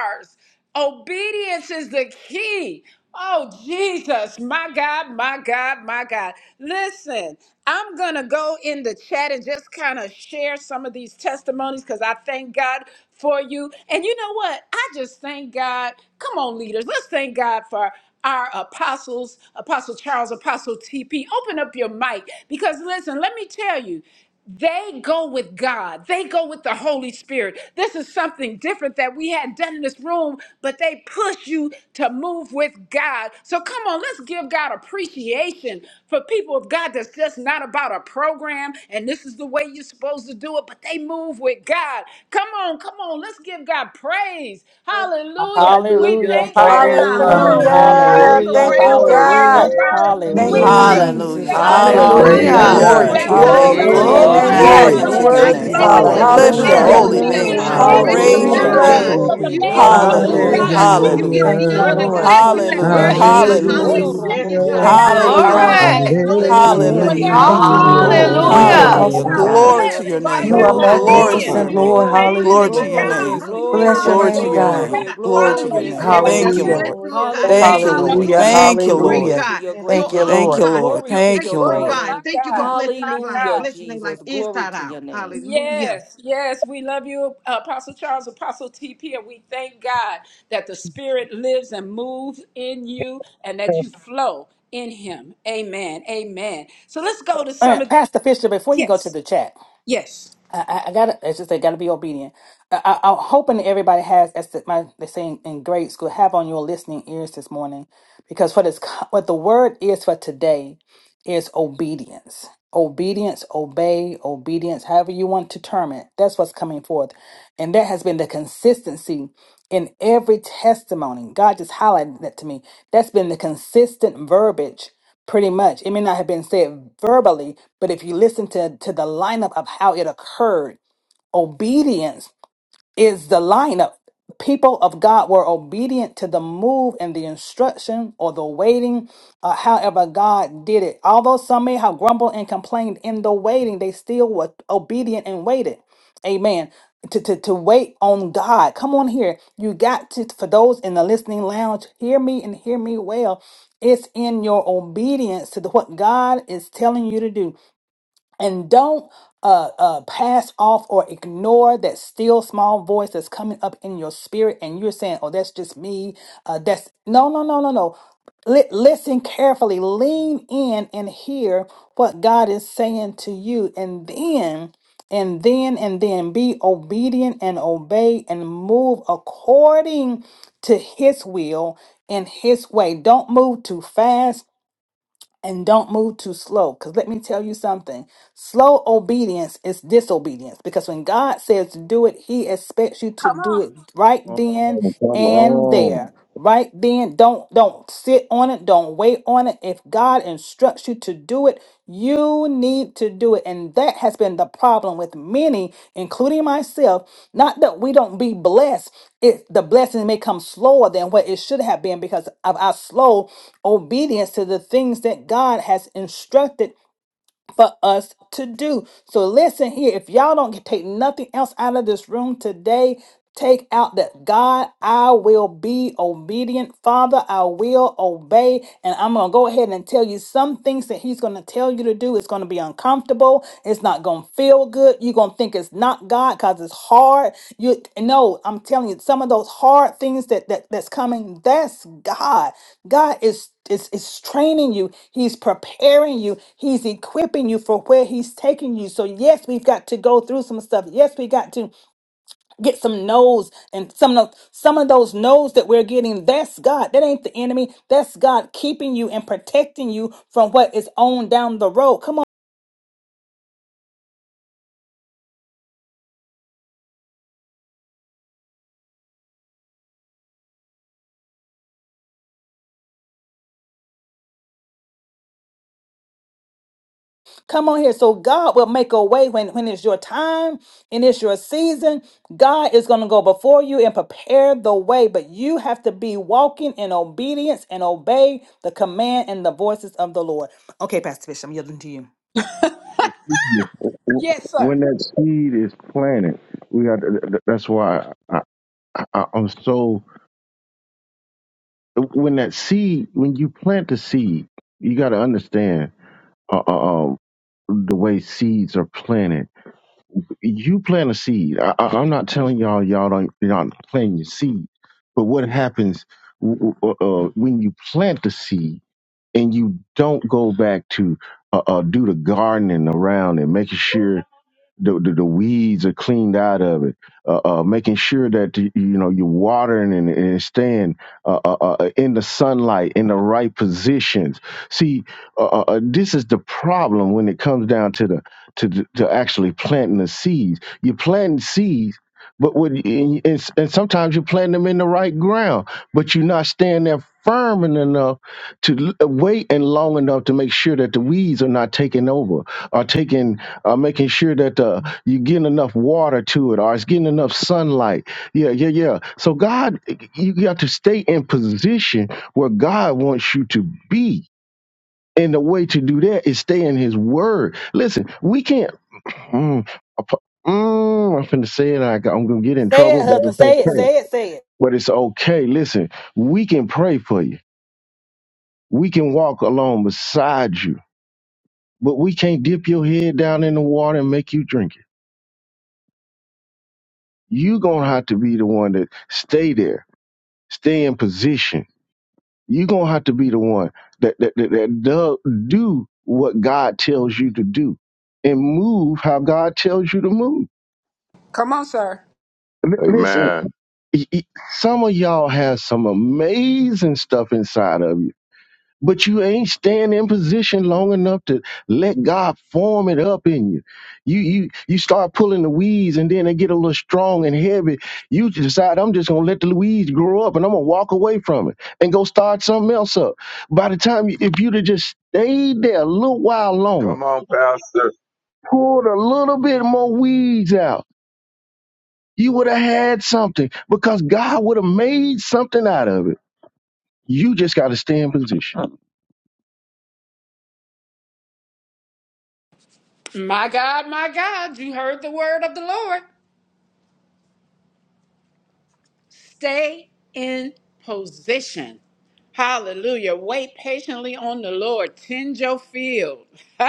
A: ours. Obedience is the key. Oh, Jesus, my God, my God, my God. Listen, I'm going to go in the chat and just kind of share some of these testimonies because I thank God for you. And you know what? I just thank God. Come on, leaders, let's thank God for our apostles, Apostle Charles, Apostle TP. Open up your mic because, listen, let me tell you they go with God. They go with the Holy Spirit. This is something different that we hadn't done in this room, but they push you to move with God. So come on, let's give God appreciation for people of God that's just not about a program and this is the way you're supposed to do it, but they move with God. Come on, come on, let's give God praise. Hallelujah. We
J: Hallelujah.
D: Hallelujah,
A: thank you,
J: Praise
M: Yeah,
A: God,
M: we
D: hallelujah,
M: are
A: for
J: God.
M: blessed to
G: Hallelujah.
M: have
B: Hallelujah.
J: Praise
A: apostles
M: some
J: the
D: hallelujah,
B: Thank
M: great
A: that
B: you,
A: will
J: Lord.
A: hear your
D: hallelujah,
B: God.
M: apostles.
J: Yes,
A: word.
H: Come
A: We
B: Thank
J: Jesus.
B: you,
A: thank
M: Hallelujah.
D: hallelujah,
A: you,
K: Hallelujah.
B: Jesus.
I: Hallelujah.
A: God,
M: God
A: for
M: is
I: Glory
B: Hallelujah,
I: to
K: Hallelujah.
M: good.
J: Praise
I: your
J: you,
A: apostles
M: God
B: God.
C: Hallelujah.
M: is
I: great
K: Glory
D: hallelujah,
J: God.
K: unto
A: that
M: great.
I: name,
K: your
A: will
M: God
A: be
M: is
K: name,
B: Glory
I: Jesus.
B: to
K: Father.
B: your
D: hallelujah,
M: merciful.
N: Hallelujah.
A: obedient
J: Yes,
B: name,
M: God
A: to
M: is
N: Thank you,
B: God.
A: your
K: Glory
J: yes.
C: Glory.
B: You're
K: unto
I: Hallelujah,
M: wonderful.
A: word
K: your
N: Lord.
A: and
M: God
J: Thank
M: is
B: worthy,
J: you,
K: name.
N: Yes,
A: flow
I: Jesus.
A: in
B: Father.
A: the
J: Lord.
M: excellent.
N: God.
K: Bless your
N: Thank
A: spirit.
N: you,
B: Hallelujah.
K: holy
I: Hallelujah,
M: Hallelujah,
A: We
K: name,
N: God.
O: Hallelujah.
I: Lord.
M: God.
K: Lord.
A: thank
M: Praise
I: Glory,
A: you,
M: your
K: Praise your
D: hallelujah.
M: name,
I: glory,
A: God,
N: Yes,
B: Hallelujah.
M: God.
K: name.
N: yes,
A: for
J: Hallelujah.
N: yes,
A: the
I: glory,
M: You
A: man
N: yes,
M: get
A: and
M: the
N: yes,
I: glory,
A: woman
B: Hallelujah,
A: of
N: God.
M: glory,
K: Hallelujah.
B: God.
A: God
N: Yes,
I: glory,
M: God.
A: that you
N: God.
M: You
I: glory.
M: get
K: Hallelujah.
A: put
M: the
B: Thank you,
A: forth
M: honor,
J: Hallelujah.
I: Quiero
A: in
B: Lord.
M: God.
A: this
I: robo
M: You are
A: set
K: Hallelujah.
N: Hallelujah,
A: place.
B: Thank
M: worthy,
B: you,
I: shenere
M: God.
I: de
A: We
N: Jesus.
K: Hallelujah.
I: coro
B: Jesus.
N: Yes,
A: thank
I: robo
M: Hallelujah,
A: you,
M: God.
N: God.
B: Thank
J: Hallelujah.
I: shata.
B: you,
A: God,
M: Hey,
B: Lord God,
K: Hallelujah.
C: Glory.
M: hallelujah
B: for
M: to
B: your
M: the
I: Hallelujah,
M: Lamb of
A: hallelujah,
M: a
B: grace.
A: for
N: Thank you,
I: Jesus.
M: slave.
A: their
K: Hallelujah.
B: Thank
N: God.
B: you,
A: obedience,
B: Lord.
K: Oh,
M: Hallelujah,
A: and
B: You are
M: God.
C: Hallelujah.
A: therefore they
K: hallelujah.
B: awesome,
J: Hallelujah.
A: are
B: Father.
M: Hallelujah
K: Glory
M: for
I: Hallelujah.
K: to
A: blessed
M: their
K: your
A: by
M: life,
K: name,
B: You
A: their
B: are
M: Lord
K: Lord.
M: God.
K: Glory to
A: obedience.
I: Glory,
K: your
B: magnificent,
N: Yes,
M: Hallelujah
A: We
M: for
K: name.
M: what
B: Lord.
M: you're
N: God.
A: thank
M: doing
I: glory,
M: in
A: you,
K: Glory
M: their
K: to
M: life,
B: Hallelujah.
K: your
M: Lord
N: Yeah,
M: God.
N: yeah,
A: God,
I: glory,
K: name.
N: yeah,
M: Hallelujah
N: God.
M: for
B: Bless
M: the
B: your
N: Thank
I: glory,
K: Glory
M: work
N: you,
M: of their
K: to
B: name,
K: your
N: Father.
M: hands,
B: God.
A: hallelujah,
M: Lord
K: name.
I: glory,
M: God.
K: Glory to
N: Oh,
K: your
M: Hallelujah
I: glory,
N: yes,
M: for
K: name.
A: hallelujah,
N: Lord.
M: everything
K: Thank you,
N: Yes,
M: you
I: glory.
B: Hallelujah.
M: bless
K: Lord.
M: them,
N: Lord.
A: hallelujah.
M: Lord
N: Yes,
M: God.
K: Thank
A: Thank
N: Lord.
K: you,
I: Hallelujah,
A: you,
K: Lord.
B: Hallelujah.
M: Hallelujah.
A: Lord.
M: You're a
I: Jesus.
K: Thank
A: Thank
K: you,
A: you,
M: great
K: Lord.
I: Glory
B: Hallelujah.
I: to
M: God.
I: your
A: Jesus,
N: Yes,
I: great
M: You're
B: Thank you,
I: name.
N: Lord.
A: Jesus,
B: Lord.
K: Thank
M: awesome
K: you,
M: God.
A: Jesus.
K: Lord.
I: Glory
M: You're
I: to
K: Thank
I: your
K: you,
A: Woo,
M: excellent
I: great
K: Lord.
M: God.
A: my
I: name.
M: Thank you for
A: God,
M: blessing their
A: my
M: life,
I: Hallelujah,
A: God.
M: blessing their life
I: Jesus. Glory
M: inside
I: to your
M: out.
I: name.
M: Hallelujah.
A: Yes, yes, we love you, Apostle Charles, Apostle TP, and we thank God that the Spirit lives and moves in you and that you flow in Him. Amen, amen. So let's go to some
D: Uh,
A: of the.
D: Pastor Fisher, before you go to
A: Yes,
D: the chat,
A: yes.
D: I, I I gotta, as just they gotta be obedient. I, I, I'm hoping that everybody has, as the- my, they say in, in grade school, have on your listening ears this morning, because what is co- what the word is for today is obedience. Obedience, obey, obedience, however you want to term it. That's what's coming forth. And that has been the consistency in every testimony. God just highlighted that to me. That's been the consistent verbiage, pretty much. It may not have been said verbally, but if you listen to, to the lineup of how it occurred, obedience is the lineup. People of God were obedient to the move and the instruction or the waiting, uh, however, God did it. Although some may have grumbled and complained in the waiting, they still were obedient and waited. Amen. To, to, to wait on God. Come on here. You got to, for those in the listening lounge, hear me and hear me well. It's in your obedience to the, what God is telling you to do and don't uh, uh, pass off or ignore that still small voice that's coming up in your spirit and you're saying oh that's just me uh, that's no no no no no Li- listen carefully lean in and hear what god is saying to you and then and then and then be obedient and obey and move according to his will and his way don't move too fast and don't move too slow. Because let me tell you something slow obedience is disobedience. Because when God says to do it, He expects you to
A: Come
D: do
A: on.
D: it right
H: Oh,
D: then and
H: on.
D: there. Right then, don't don't sit on it, don't wait on it. If God instructs you to to do it. You need to do it. And that has been the problem with many, including myself. Not that we don't be blessed, it, the blessing may come slower than what it should have been because of our slow obedience to the things that God has instructed for us to do. So listen here, if y'all don't take nothing else out of this room today, take out that God, I will be obedient. Father, I will obey. And I'm going to go ahead and tell you some things that he's going to tell you to do. It's going to be uncomfortable. It's not going to feel good you're gonna think it's not god because it's hard you no i'm telling you some of those hard things that, that that's coming that's god god is is, is training you he's preparing you he's equipping you for where he's taking you so yes we've got to go through some stuff yes we got to get some no's and some of some of those no's that we're getting that's god that ain't the enemy that's god keeping you and protecting you from what is on down the road come on Come on here. So God will make a way when, when it's your time and it's your season. God is going to go before you and prepare the way, but you have to be walking in obedience and obey the command and the voices of the Lord. Okay, Pastor Bishop, I'm yielding to you.
A: Yes, sir.
H: When that seed is planted, we got. That's why I, I, I'm so. When that seed, when you plant the seed, you got to understand. uh, uh, um, the way seeds are planted. You plant a seed. I, I, I'm not telling y'all y'all don't you're not planting your seed, but what happens w- w- uh, uh, when you plant the seed and you don't go back to uh, uh, do the gardening around and making sure the, the, the weeds are cleaned out of it, uh, uh, making sure that you know you're watering and, and staying uh, uh, uh, in the sunlight in the right positions. See, uh, uh, uh, this is the problem when it comes down to the to the, to actually planting the seeds. You're planting seeds. But what, and, and and sometimes you plant them in the right ground, but you're not standing there firm enough to l- uh, wait and long enough to make sure that the weeds are not taking over or taking uh, making sure that uh, you're getting enough water to it or it's getting enough sunlight yeah yeah yeah so god you got to stay in position where god wants you to be and the way to do that is stay in his word listen we can't mm, I pu- mm, i'm finna say it I, got- i'm gonna get in
D: Say
H: trouble
D: it,
H: but
D: husband.
H: it's
D: Say it.
H: okay
D: Say it. Say it.
H: but it's okay listen we can pray for you we can walk along beside you but we can't dip your head down in the water and make you drink it. you going to have to be the one that stay there, stay in position. you going to have to be the one that, that, that, that do, do what God tells you to do and move how God tells you to move.
A: Come on, sir.
H: L- listen,
L: Amen.
H: y- y- some of y'all have some amazing stuff inside of you but you ain't staying in position long enough to let God form it up in you. You you you start pulling the weeds, and then they get a little strong and heavy. You decide I'm just gonna let the weeds grow up, and I'm gonna walk away from it and go start something else up. By the time, you, if you'd have just stayed there a little while longer,
L: Come on, Pastor.
H: pulled a little bit more weeds out, you would have had something because God would have made something out of it. You just got to stay in position.
A: My God, my God, you heard the word of the Lord. Stay in position. Hallelujah. Wait patiently on the Lord. Tend your field. [laughs]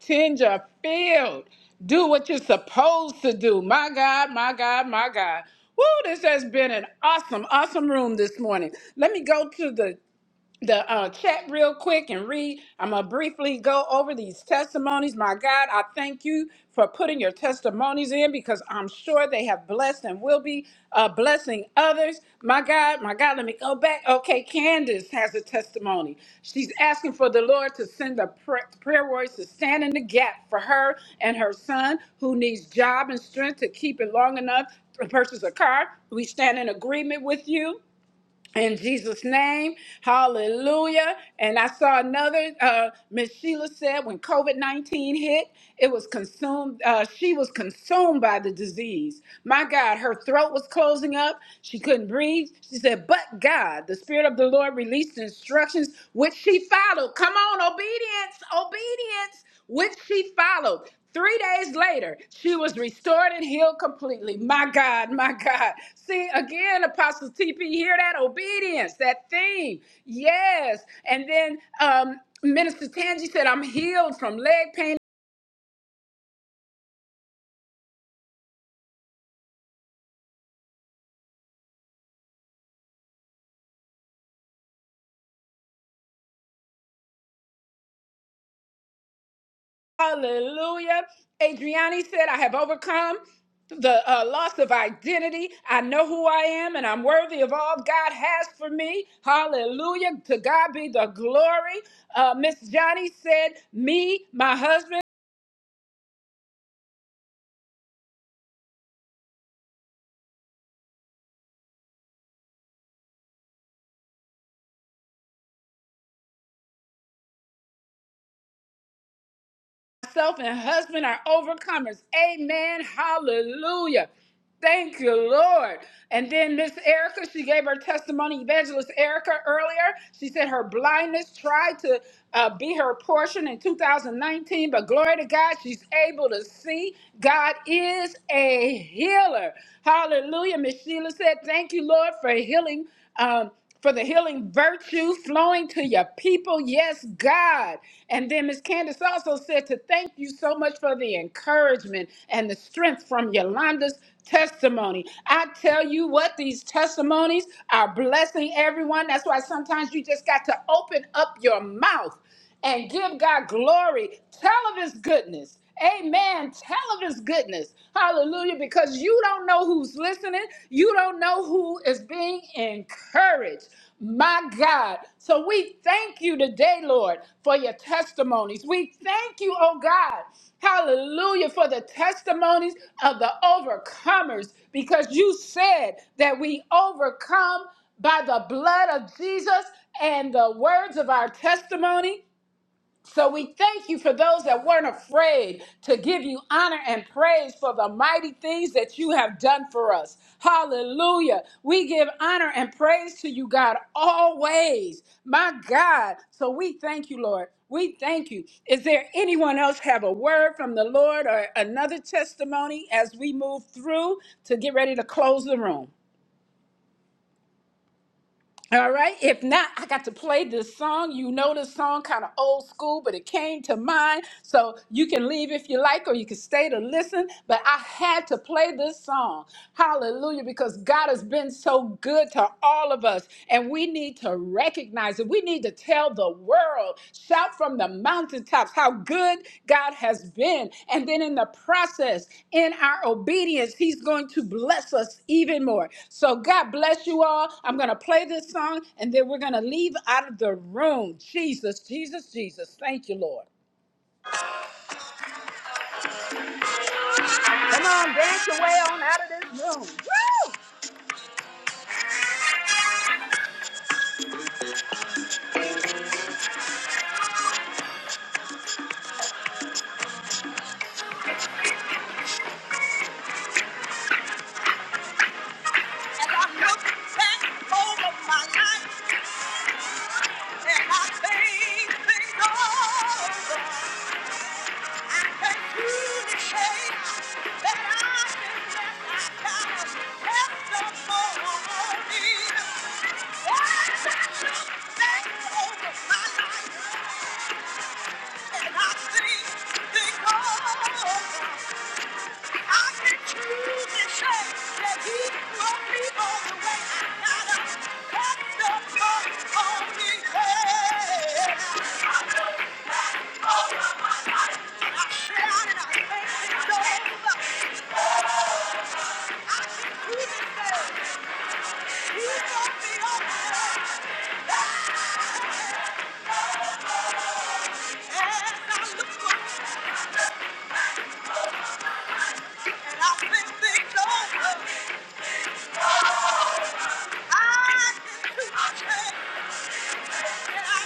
A: Tend your field. Do what you're supposed to do. My God, my God, my God. Woo, this has been an awesome, awesome room this morning. Let me go to the the uh, chat real quick and read. I'm going to briefly go over these testimonies. My God, I thank you for putting your testimonies in because I'm sure they have blessed and will be uh, blessing others. My God, my God, let me go back. Okay, Candace has a testimony. She's asking for the Lord to send the prayer, prayer warriors to stand in the gap for her and her son who needs job and strength to keep it long enough to purchase a car. We stand in agreement with you in Jesus' name, hallelujah. And I saw another, uh, Miss Sheila said when COVID 19 hit, it was consumed, uh, she was consumed by the disease. My God, her throat was closing up. She couldn't breathe. She said, But God, the Spirit of the Lord released instructions, which she followed. Come on, obedience, obedience which she followed. Three days later, she was restored and healed completely. My God, my God. See, again, Apostle TP, hear that obedience, that theme. Yes. And then um, Minister Tangi said, I'm healed from leg pain Hallelujah. Adriani said, I have overcome the uh, loss of identity. I know who I am and I'm worthy of all God has for me. Hallelujah. To God be the glory. Uh, Miss Johnny said, Me, my husband, myself and husband are overcomers. Amen. Hallelujah. Thank you, Lord. And then Miss Erica, she gave her testimony, Evangelist Erica, earlier. She said her blindness tried to uh, be her portion in 2019, but glory to God, she's able to see. God is a healer. Hallelujah. Miss Sheila said, Thank you, Lord, for healing um, for the healing virtue flowing to your people. Yes, God. And then Miss Candace also said to thank you so much for the encouragement and the strength from Yolanda's testimony. I tell you what, these testimonies are blessing everyone. That's why sometimes you just got to open up your mouth and give God glory. Tell of his goodness. Amen. Tell of his goodness. Hallelujah. Because you don't know who's listening. You don't know who is being encouraged. My God. So we thank you today, Lord, for your testimonies. We thank you, oh God. Hallelujah. For the testimonies of the overcomers. Because you said that we overcome by the blood of Jesus and the words of our testimony. So we thank you for those that weren't afraid to give you honor and praise for the mighty things that you have done for us. Hallelujah. We give honor and praise to you, God, always. My God. So we thank you, Lord. We thank you. Is there anyone else have a word from the Lord or another testimony as we move through to get ready to close the room? All right. If not, I got to play this song. You know this song, kind of old school, but it came to mind. So you can leave if you like, or you can stay to listen. But I had to play this song. Hallelujah. Because God has been so good to all of us. And we need to recognize it. We need to tell the world. Shout from the mountaintops how good God has been. And then in the process, in our obedience, He's going to bless us even more. So God bless you all. I'm going to play this song and then we're going to leave out of the room. Jesus, Jesus, Jesus. Thank you, Lord. Room. Woo! And I look back over my life and I think things over. I can truly say that I can let my God testimony. As I look back over my life and I think things over. I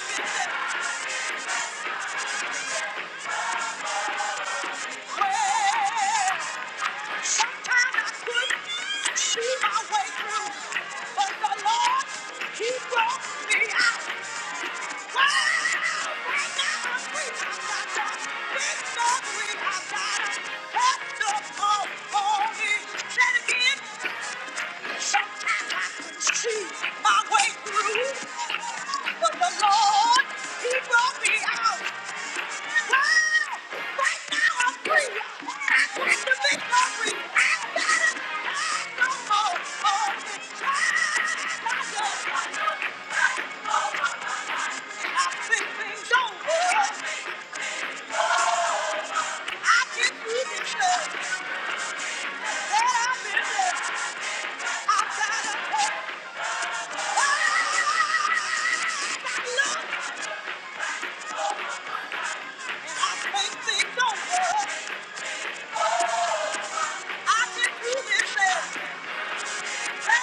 A: can do it. Thank again. Sometimes I see my way through, but the Lord, He brought me out. Wow! Right now I'm free. I got the victory. I got it. No more holding back. I think things over. I can see the stuff that I've been there. I got a hope. look and I think things over. I can see this. been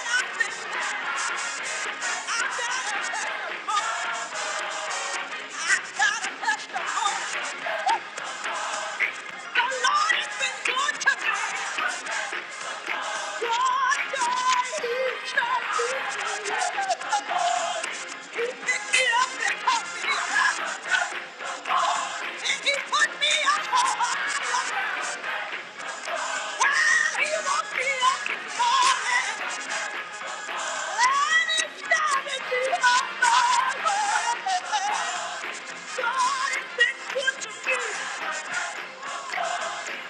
A: has been good to me. me. he started me on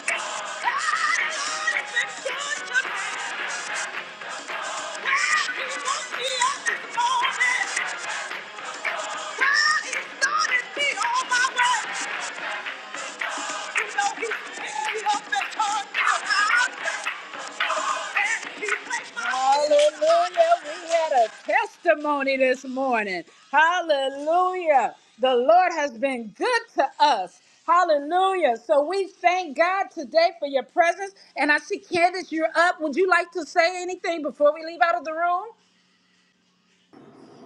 A: my way. you. know he picked me up and turned me around. Hallelujah. We had a testimony this morning. Hallelujah. The Lord has been good to us. Hallelujah. So we thank God today for your presence. And I see Candace, you're up. Would you like to say anything before we leave out of the room?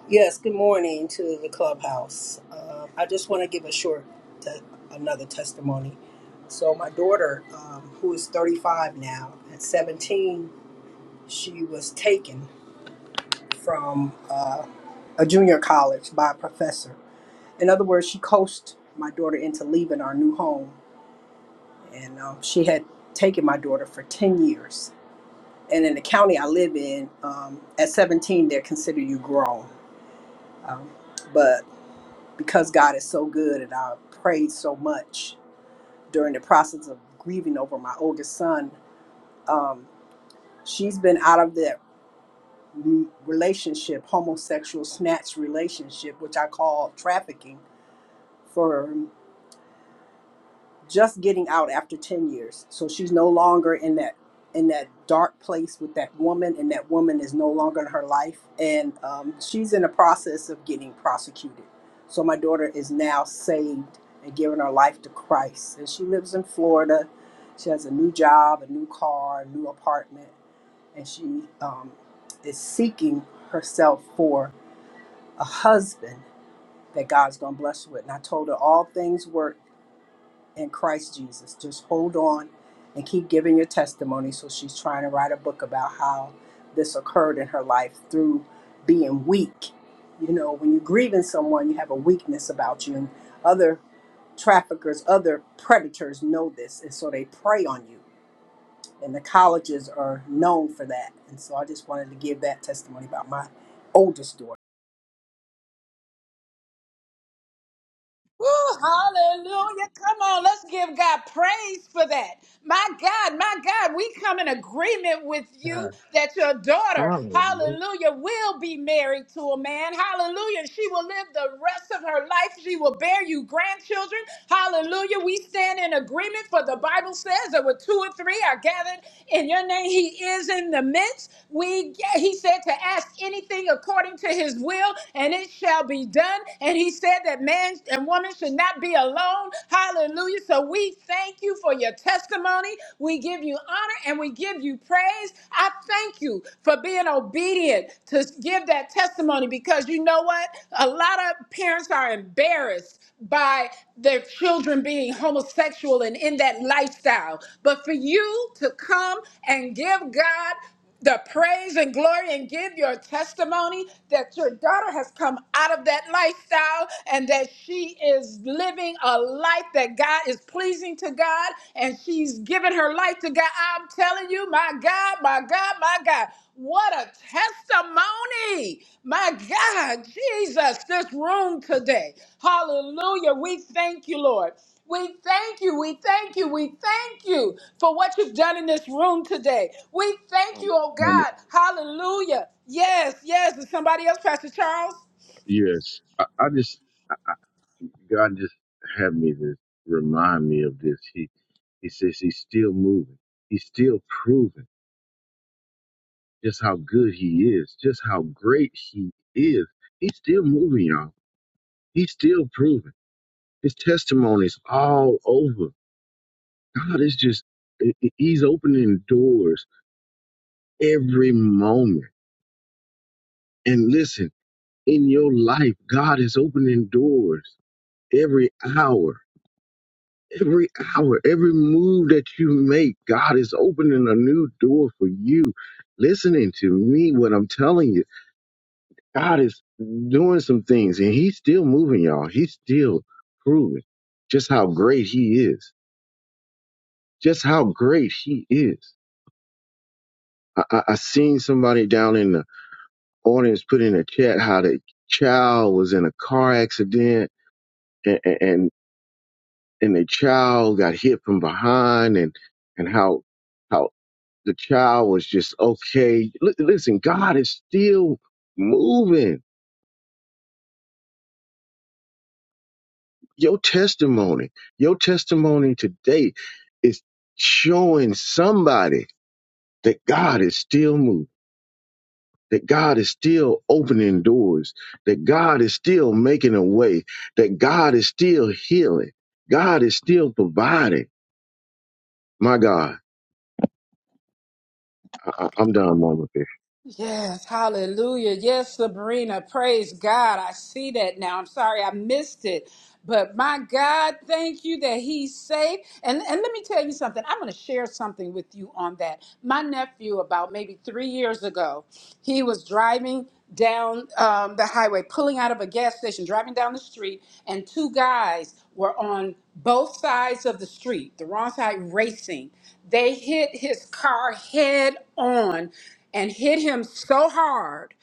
P: Yes, good morning to the clubhouse. Um, I just want to give a short, te- another testimony. So, my daughter, um, who is 35 now, at 17, she was taken from uh, a junior college by a professor. In other words, she coached my daughter into leaving our new home. And um, she had taken my daughter for 10 years. And in the county I live in, um, at 17, they consider you grown. Um, but because God is so good and I prayed so much during the process of grieving over my oldest son. Um, she's been out of that m- relationship, homosexual snatch relationship, which I call trafficking, for. just getting out after 10 years so she's no longer in that in that dark place with that woman and that woman is no longer in her life and um, she's in the process of getting prosecuted so my daughter is now saved and giving her life to christ and she lives in florida she has a new job a new car a new apartment and she um, is seeking herself for a husband that god's going to bless her with and i told her all things work in Christ Jesus. Just hold on and keep giving your testimony. So she's trying to write a book about how this occurred in her life through being weak. You know, when you're grieving someone, you have a weakness about you, and other traffickers, other predators know this, and so they prey on you. And the colleges are known for that. And so I just wanted to give that testimony about my oldest daughter.
A: Woo, hallelujah. Come on, let's give God praise for that. My God, my God, we come in agreement with you
M: God.
A: that your daughter,
M: Hallelujah.
A: hallelujah, will be married to a man. Hallelujah. She will live the rest of her life. She will bear you grandchildren. Hallelujah. We stand in agreement for the Bible says that where two or three are gathered in your name, he is in the midst. We yeah, he said to ask anything according to his will, and it shall be done. And he said that man and woman should not be alone. Hallelujah. So we thank you for your testimony. We give you honor and we give you praise. I thank you for being obedient to give that testimony because you know what? A lot of parents are embarrassed by their children being homosexual and in that lifestyle. But for you to come and give God the praise and glory and give your testimony that your daughter has come out of that lifestyle and that she is living a life that God is pleasing to God and she's giving her life to God. I'm telling you, my God, my God, my God. What a testimony! My God, Jesus, this room today. Hallelujah. We thank you, Lord. We thank you, we thank you, we thank you for what you've done in this room today. We thank you, oh God. Hallelujah. Yes, yes. Is somebody else, Pastor Charles?
H: Yes, I, I just I, I, God just had me to remind me of this. He He says He's still moving. He's still proving just how good He is, just how great He is. He's still moving, y'all. He's still proving. His testimonies all over. God is just i- i- He's opening doors every moment. And listen, in your life, God is opening doors every hour Every hour, every move that you make, God is opening a new door for you. Listening to me, what I'm telling you, God is doing some things and He's still moving, y'all. He's still proving just how great He is. Just how great He is. I, I, I seen somebody down in the audience put in a chat how the child was in a car accident and, and, and the child got hit from behind and, and how how the child was just okay. Li- listen, God is still moving. Your testimony, your testimony today is showing somebody that God is still moving, that God is still opening doors, that God is still making a way, that God is still healing, God is still providing. My God, I- I- I'm done, Mama.
A: Yes, hallelujah. Yes, Sabrina, praise God. I see that now. I'm sorry I missed it. But my God, thank you that he's safe. And, and let me tell you something. I'm going to share something with you on that. My nephew, about maybe three years ago, he was driving down um, the highway, pulling out of a gas station, driving down the street, and two guys were on both sides of the street, the wrong side, racing. They hit his car head on and hit him so hard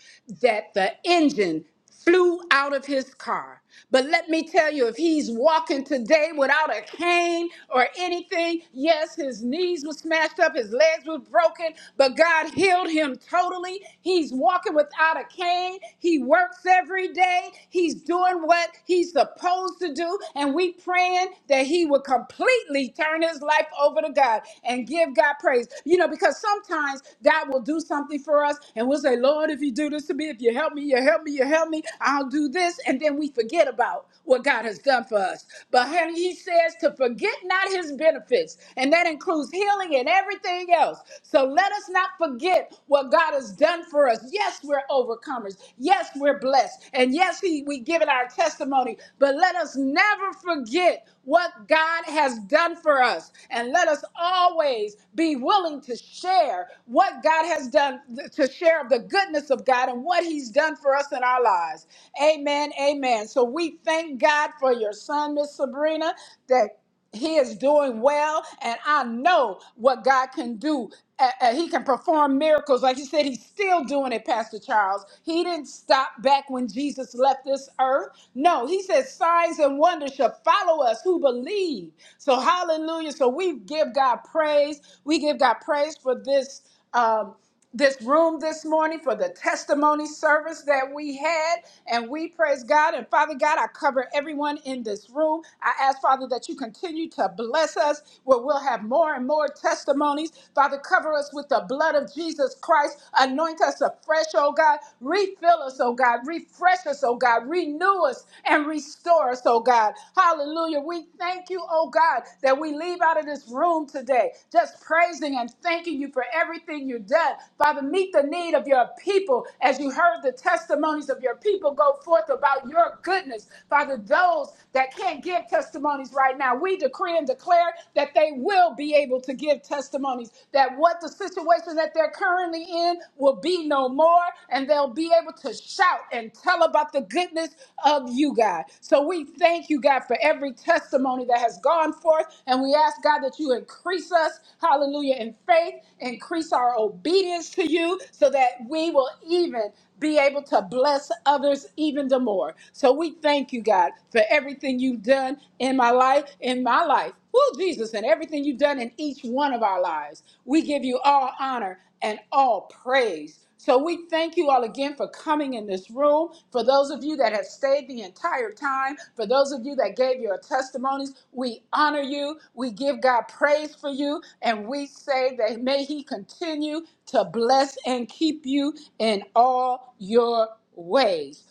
A: that the engine flew out of his car. But let me tell you, if he's walking today without a cane or anything, yes, his knees were smashed up, his legs were broken, but God healed him totally. He's walking without a cane. He works every day. He's doing what he's supposed to do. And we praying that he will completely turn his life over to God. God and give God praise. You know, because sometimes God will do something for us and we'll say, Lord, if you do this to me, if you help me, you help me, you help me, I'll do this. And then we forget about what God has done for us. But honey, he says to forget not his benefits, and that includes healing and everything else. So let us not forget what God has done for us. Yes, we're overcomers. Yes, we're blessed. And yes, he, we give it our testimony, but let us never forget forget what God has done for us. And let us always be willing to share what God has done, to share of the goodness of God and what He's done for us in our lives. Amen. Amen. So we thank God for your son, Miss Sabrina, that he is doing well and i know what god can do Uh, uh, he can perform miracles like you said he's still doing it pastor charles he didn't stop back when jesus left this earth no he says signs and wonders shall follow us who believe so hallelujah so we give god praise we give god praise for this um this room this morning for the testimony service that we had. And we praise God. And Father God, I cover everyone in this room. I ask, Father, that you continue to bless us where we'll have more and more testimonies. Father, cover us with the blood of Jesus Christ. Anoint us afresh, oh God. Refill us, oh God. Refresh us, oh God. Renew us and restore us, oh God. Hallelujah. We we thank you, oh God, that we leave out of this room today just praising and thanking you for everything you've done. Father, meet the need of your people as you heard the testimonies of your people go forth about your goodness. Father, those that can't give testimonies right now, we decree and declare that they will be able to give testimonies, that what the situation that they're currently in will be no more, and they'll be able to shout and tell about the goodness of you, God. So we thank you, God, for every testimony that has gone forth. And we ask, God, that you increase us, hallelujah, in faith, increase our obedience to you so that we will even be able to bless others even the more. So we thank you, God, for everything you've done in my life, in my life. Woo, Jesus, and everything you've done in each one of our lives. We give you all honor and all praise. So we thank you all again for coming in this room. For those of you that have stayed the entire time, for those of you that gave your testimonies, we honor you. We give God praise for you. And we say that may He continue to bless and keep you in all your ways.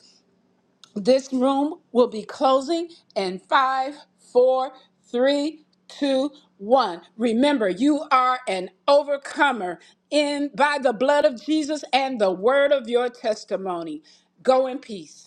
A: This room will be closing in five, four, three, two, one. Remember, you are an overcomer in by the blood of Jesus and the word of your testimony. Go in peace.